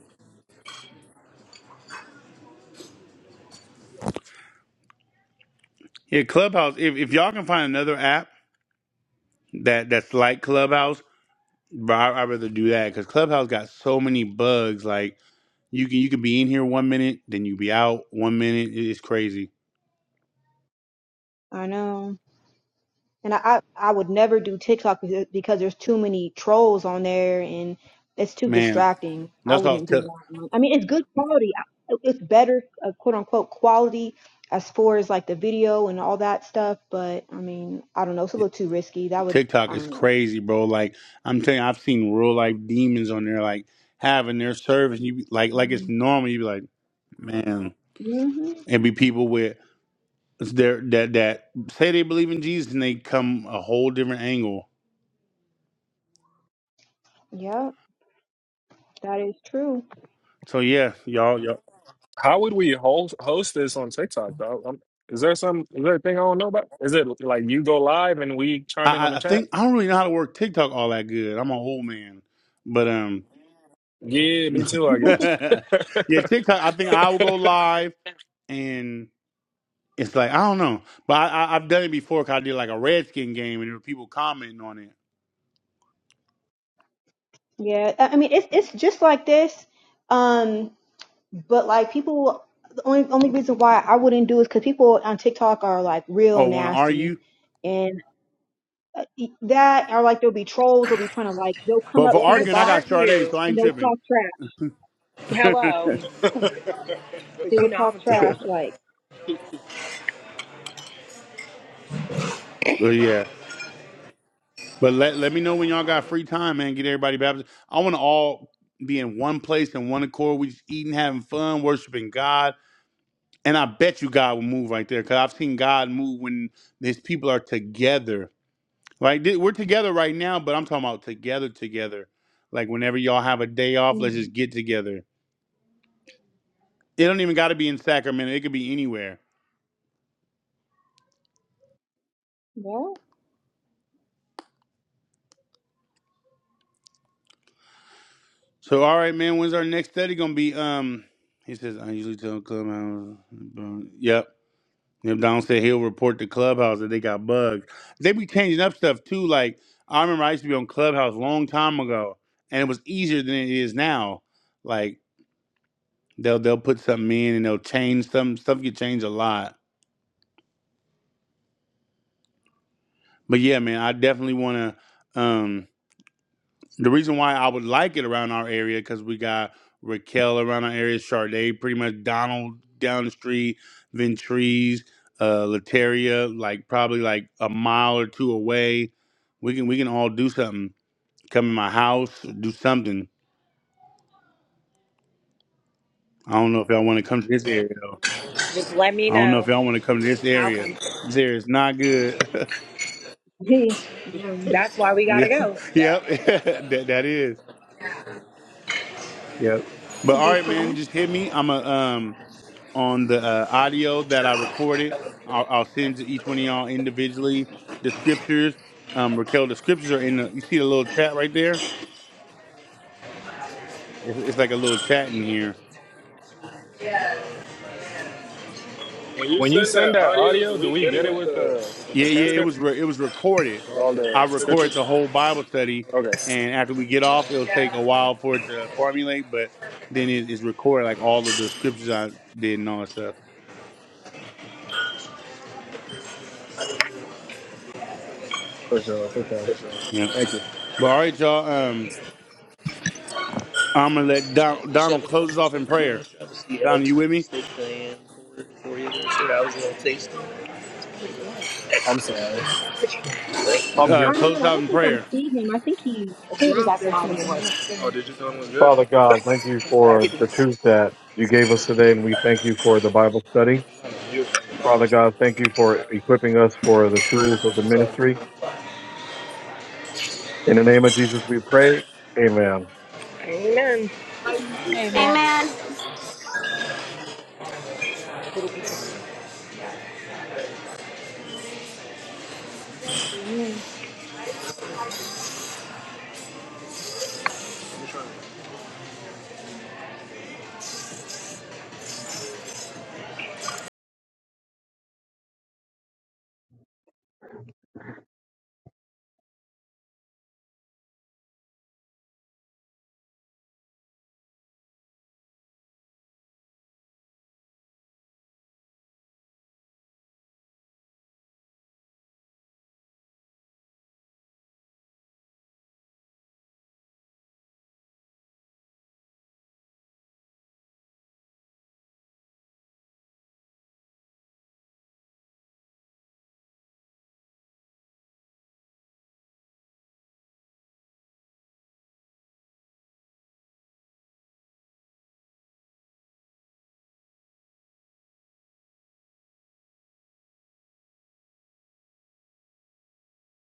S2: Yeah, Clubhouse. If, if y'all can find another app that that's like Clubhouse, bro, I, I'd rather do that because Clubhouse got so many bugs. Like you can you can be in here one minute, then you be out one minute. It- It's crazy,
S5: I know. And I, I, I would never do TikTok because, because there's too many trolls on there and it's too
S2: man.
S5: distracting. I
S2: That's all.
S5: wouldn't do
S2: Tik
S5: that one. I mean, it's good quality. I- It's better, uh, quote unquote, quality as far as like the video and all that stuff. But I mean, I don't know. It's a little too risky. That would,
S2: TikTok
S5: I
S2: is
S5: don't know.
S2: crazy, bro. Like I'm telling you, I've seen real life demons on there, like having their service. You be- like like it's normal. You be like, man,
S5: Mm-hmm.
S2: and be people with there that that say they believe in Jesus and they come a whole different angle.
S5: Yeah, that is true.
S2: So yeah, y'all, y'all.
S7: How would we host host this on TikTok though? Um, is there some is there a thing I don't know about? Is it like you go live and we chime in
S2: I
S7: on
S2: I
S7: the
S2: I
S7: chat?
S2: think I don't really know how to work TikTok all that good. I'm an old man, but um,
S7: Yeah, me too, I guess.
S2: yeah, TikTok. I think I will go live and it's like I don't know, but I, I I've done it before. Cause I did like a Redskin game and there were people commenting on it.
S5: Yeah, I I mean, it's it's just like this. Um, But like people, the only only reason why I wouldn't do is because people on TikTok are like real
S2: Oh, want to
S5: nasty,
S2: argue?
S5: and uh, e- that are like there'll be trolls. They'll be trying to like they'll come
S2: But
S5: up
S2: for
S3: Well,
S5: to the
S3: let's
S2: arguing, I
S5: box
S2: got Sade,
S3: argue.
S2: so I
S5: and
S2: ain't
S5: they'll
S2: tripping.
S5: talk trash.
S3: Hello,
S5: They
S3: because you
S5: will
S3: know I'm
S5: talk
S3: gonna tell
S2: but
S5: trash
S3: him.
S5: like.
S2: yeah. But let let me know when y'all got free time, man. Get everybody baptized. I want to all be in one place in one accord. We just eating, having fun, worshiping God. And I bet you God will move right there because I've seen God move when His people are together. Like th- we're together right now, but I'm talking about together, together. Like whenever y'all have a day off, let's just
S5: Mhm.
S2: get together. It don't even got to be in Sacramento. It could be anywhere.
S5: Yeah.
S2: So all right, man. When's our next study gonna be? Um, he says I usually tell club. Yep. If Don said he'll report the clubhouse that they got bugs. They be changing up stuff too. Like I remember I used to be on Clubhouse a long time ago, and it was easier than it is now. Like they'll they'll put something in and they'll change some stuff. Get changed a lot. But yeah, man, I definitely want to. the reason why I would like it around our area because we got Raquel around our area, Charday, pretty much Donald down the street, Ventries, uh, Lateria, like probably like a mile or two away. We can we can all do something. Come in my house, do something. I don't know if y'all want to come to this area though.
S3: Just let me
S2: I don't know if
S3: know.
S2: y'all want to come to this
S3: I'll
S2: area.
S3: come.
S2: This area is not good.
S5: he, yeah,
S3: That's why we gotta
S2: yeah,
S3: go.
S2: yep, that that is. Yep. But
S5: could
S2: all
S5: be
S2: right, man,
S5: cool.
S2: just hit me. I'm a um. on the uh, audio that I recorded. I'll, I'll send to each one of y'all individually the scriptures. Um, Raquel, the scriptures are in. The, you see the little chat right there. It's, it's like a little chat in here.
S3: When you
S7: When you
S3: send
S7: send
S3: that
S7: that
S3: audio,
S7: audio,
S3: do
S7: do
S3: we
S7: we
S3: get it
S7: get it
S3: with
S7: with
S3: the,
S7: the
S3: with the
S7: with the
S2: Yeah, yeah.
S3: transcript?
S2: It
S7: transcript
S2: was re- it was recorded.
S7: with
S3: All
S7: all
S3: the
S2: I
S7: the
S3: scripture?
S2: recorded
S7: scriptures?
S2: the whole Bible study,
S7: Okay,
S2: and after we get off, it'll take a while for it to formulate, but then it, it's recorded like all of the scriptures I did and all that stuff.
S7: for sure, for sure.
S2: Yeah.
S7: Thank you.
S2: But all right, y'all. Um, I'm gonna let
S3: As
S2: Don-
S3: the
S2: Donald
S3: Chevy one
S2: close us
S3: was
S2: off in
S3: trying to do a
S2: prayer.
S3: nice job. I See,
S2: Don,
S3: Alex
S2: you
S3: made
S2: with
S3: a
S2: me?
S3: steak Diane for, for you there, sir. I was it all tasting.
S7: I'm sorry.
S4: I'm here.
S2: Uh,
S5: I don't know.
S2: close
S5: I
S2: out
S5: don't
S2: in
S5: think I
S2: prayer.
S5: see him. I think he uh,
S3: He was
S5: dropped
S3: asking
S5: or
S3: how everything
S5: something. I'm not
S3: was. Oh,
S5: sure.
S3: did you tell him it was good?
S4: Father God,
S3: Yes.
S4: thank you for the truth that you gave us today, and we thank you for the Bible study.
S3: Oh, beautiful. I
S4: Father
S3: was
S4: God, thank you for equipping us
S3: I
S4: for
S3: was
S4: the tools of the
S3: great. It's all
S4: ministry.
S3: good.
S4: In the name of Jesus, we pray. Amen.
S3: Amen.
S1: Amen.
S8: Amen.
S5: Yeah.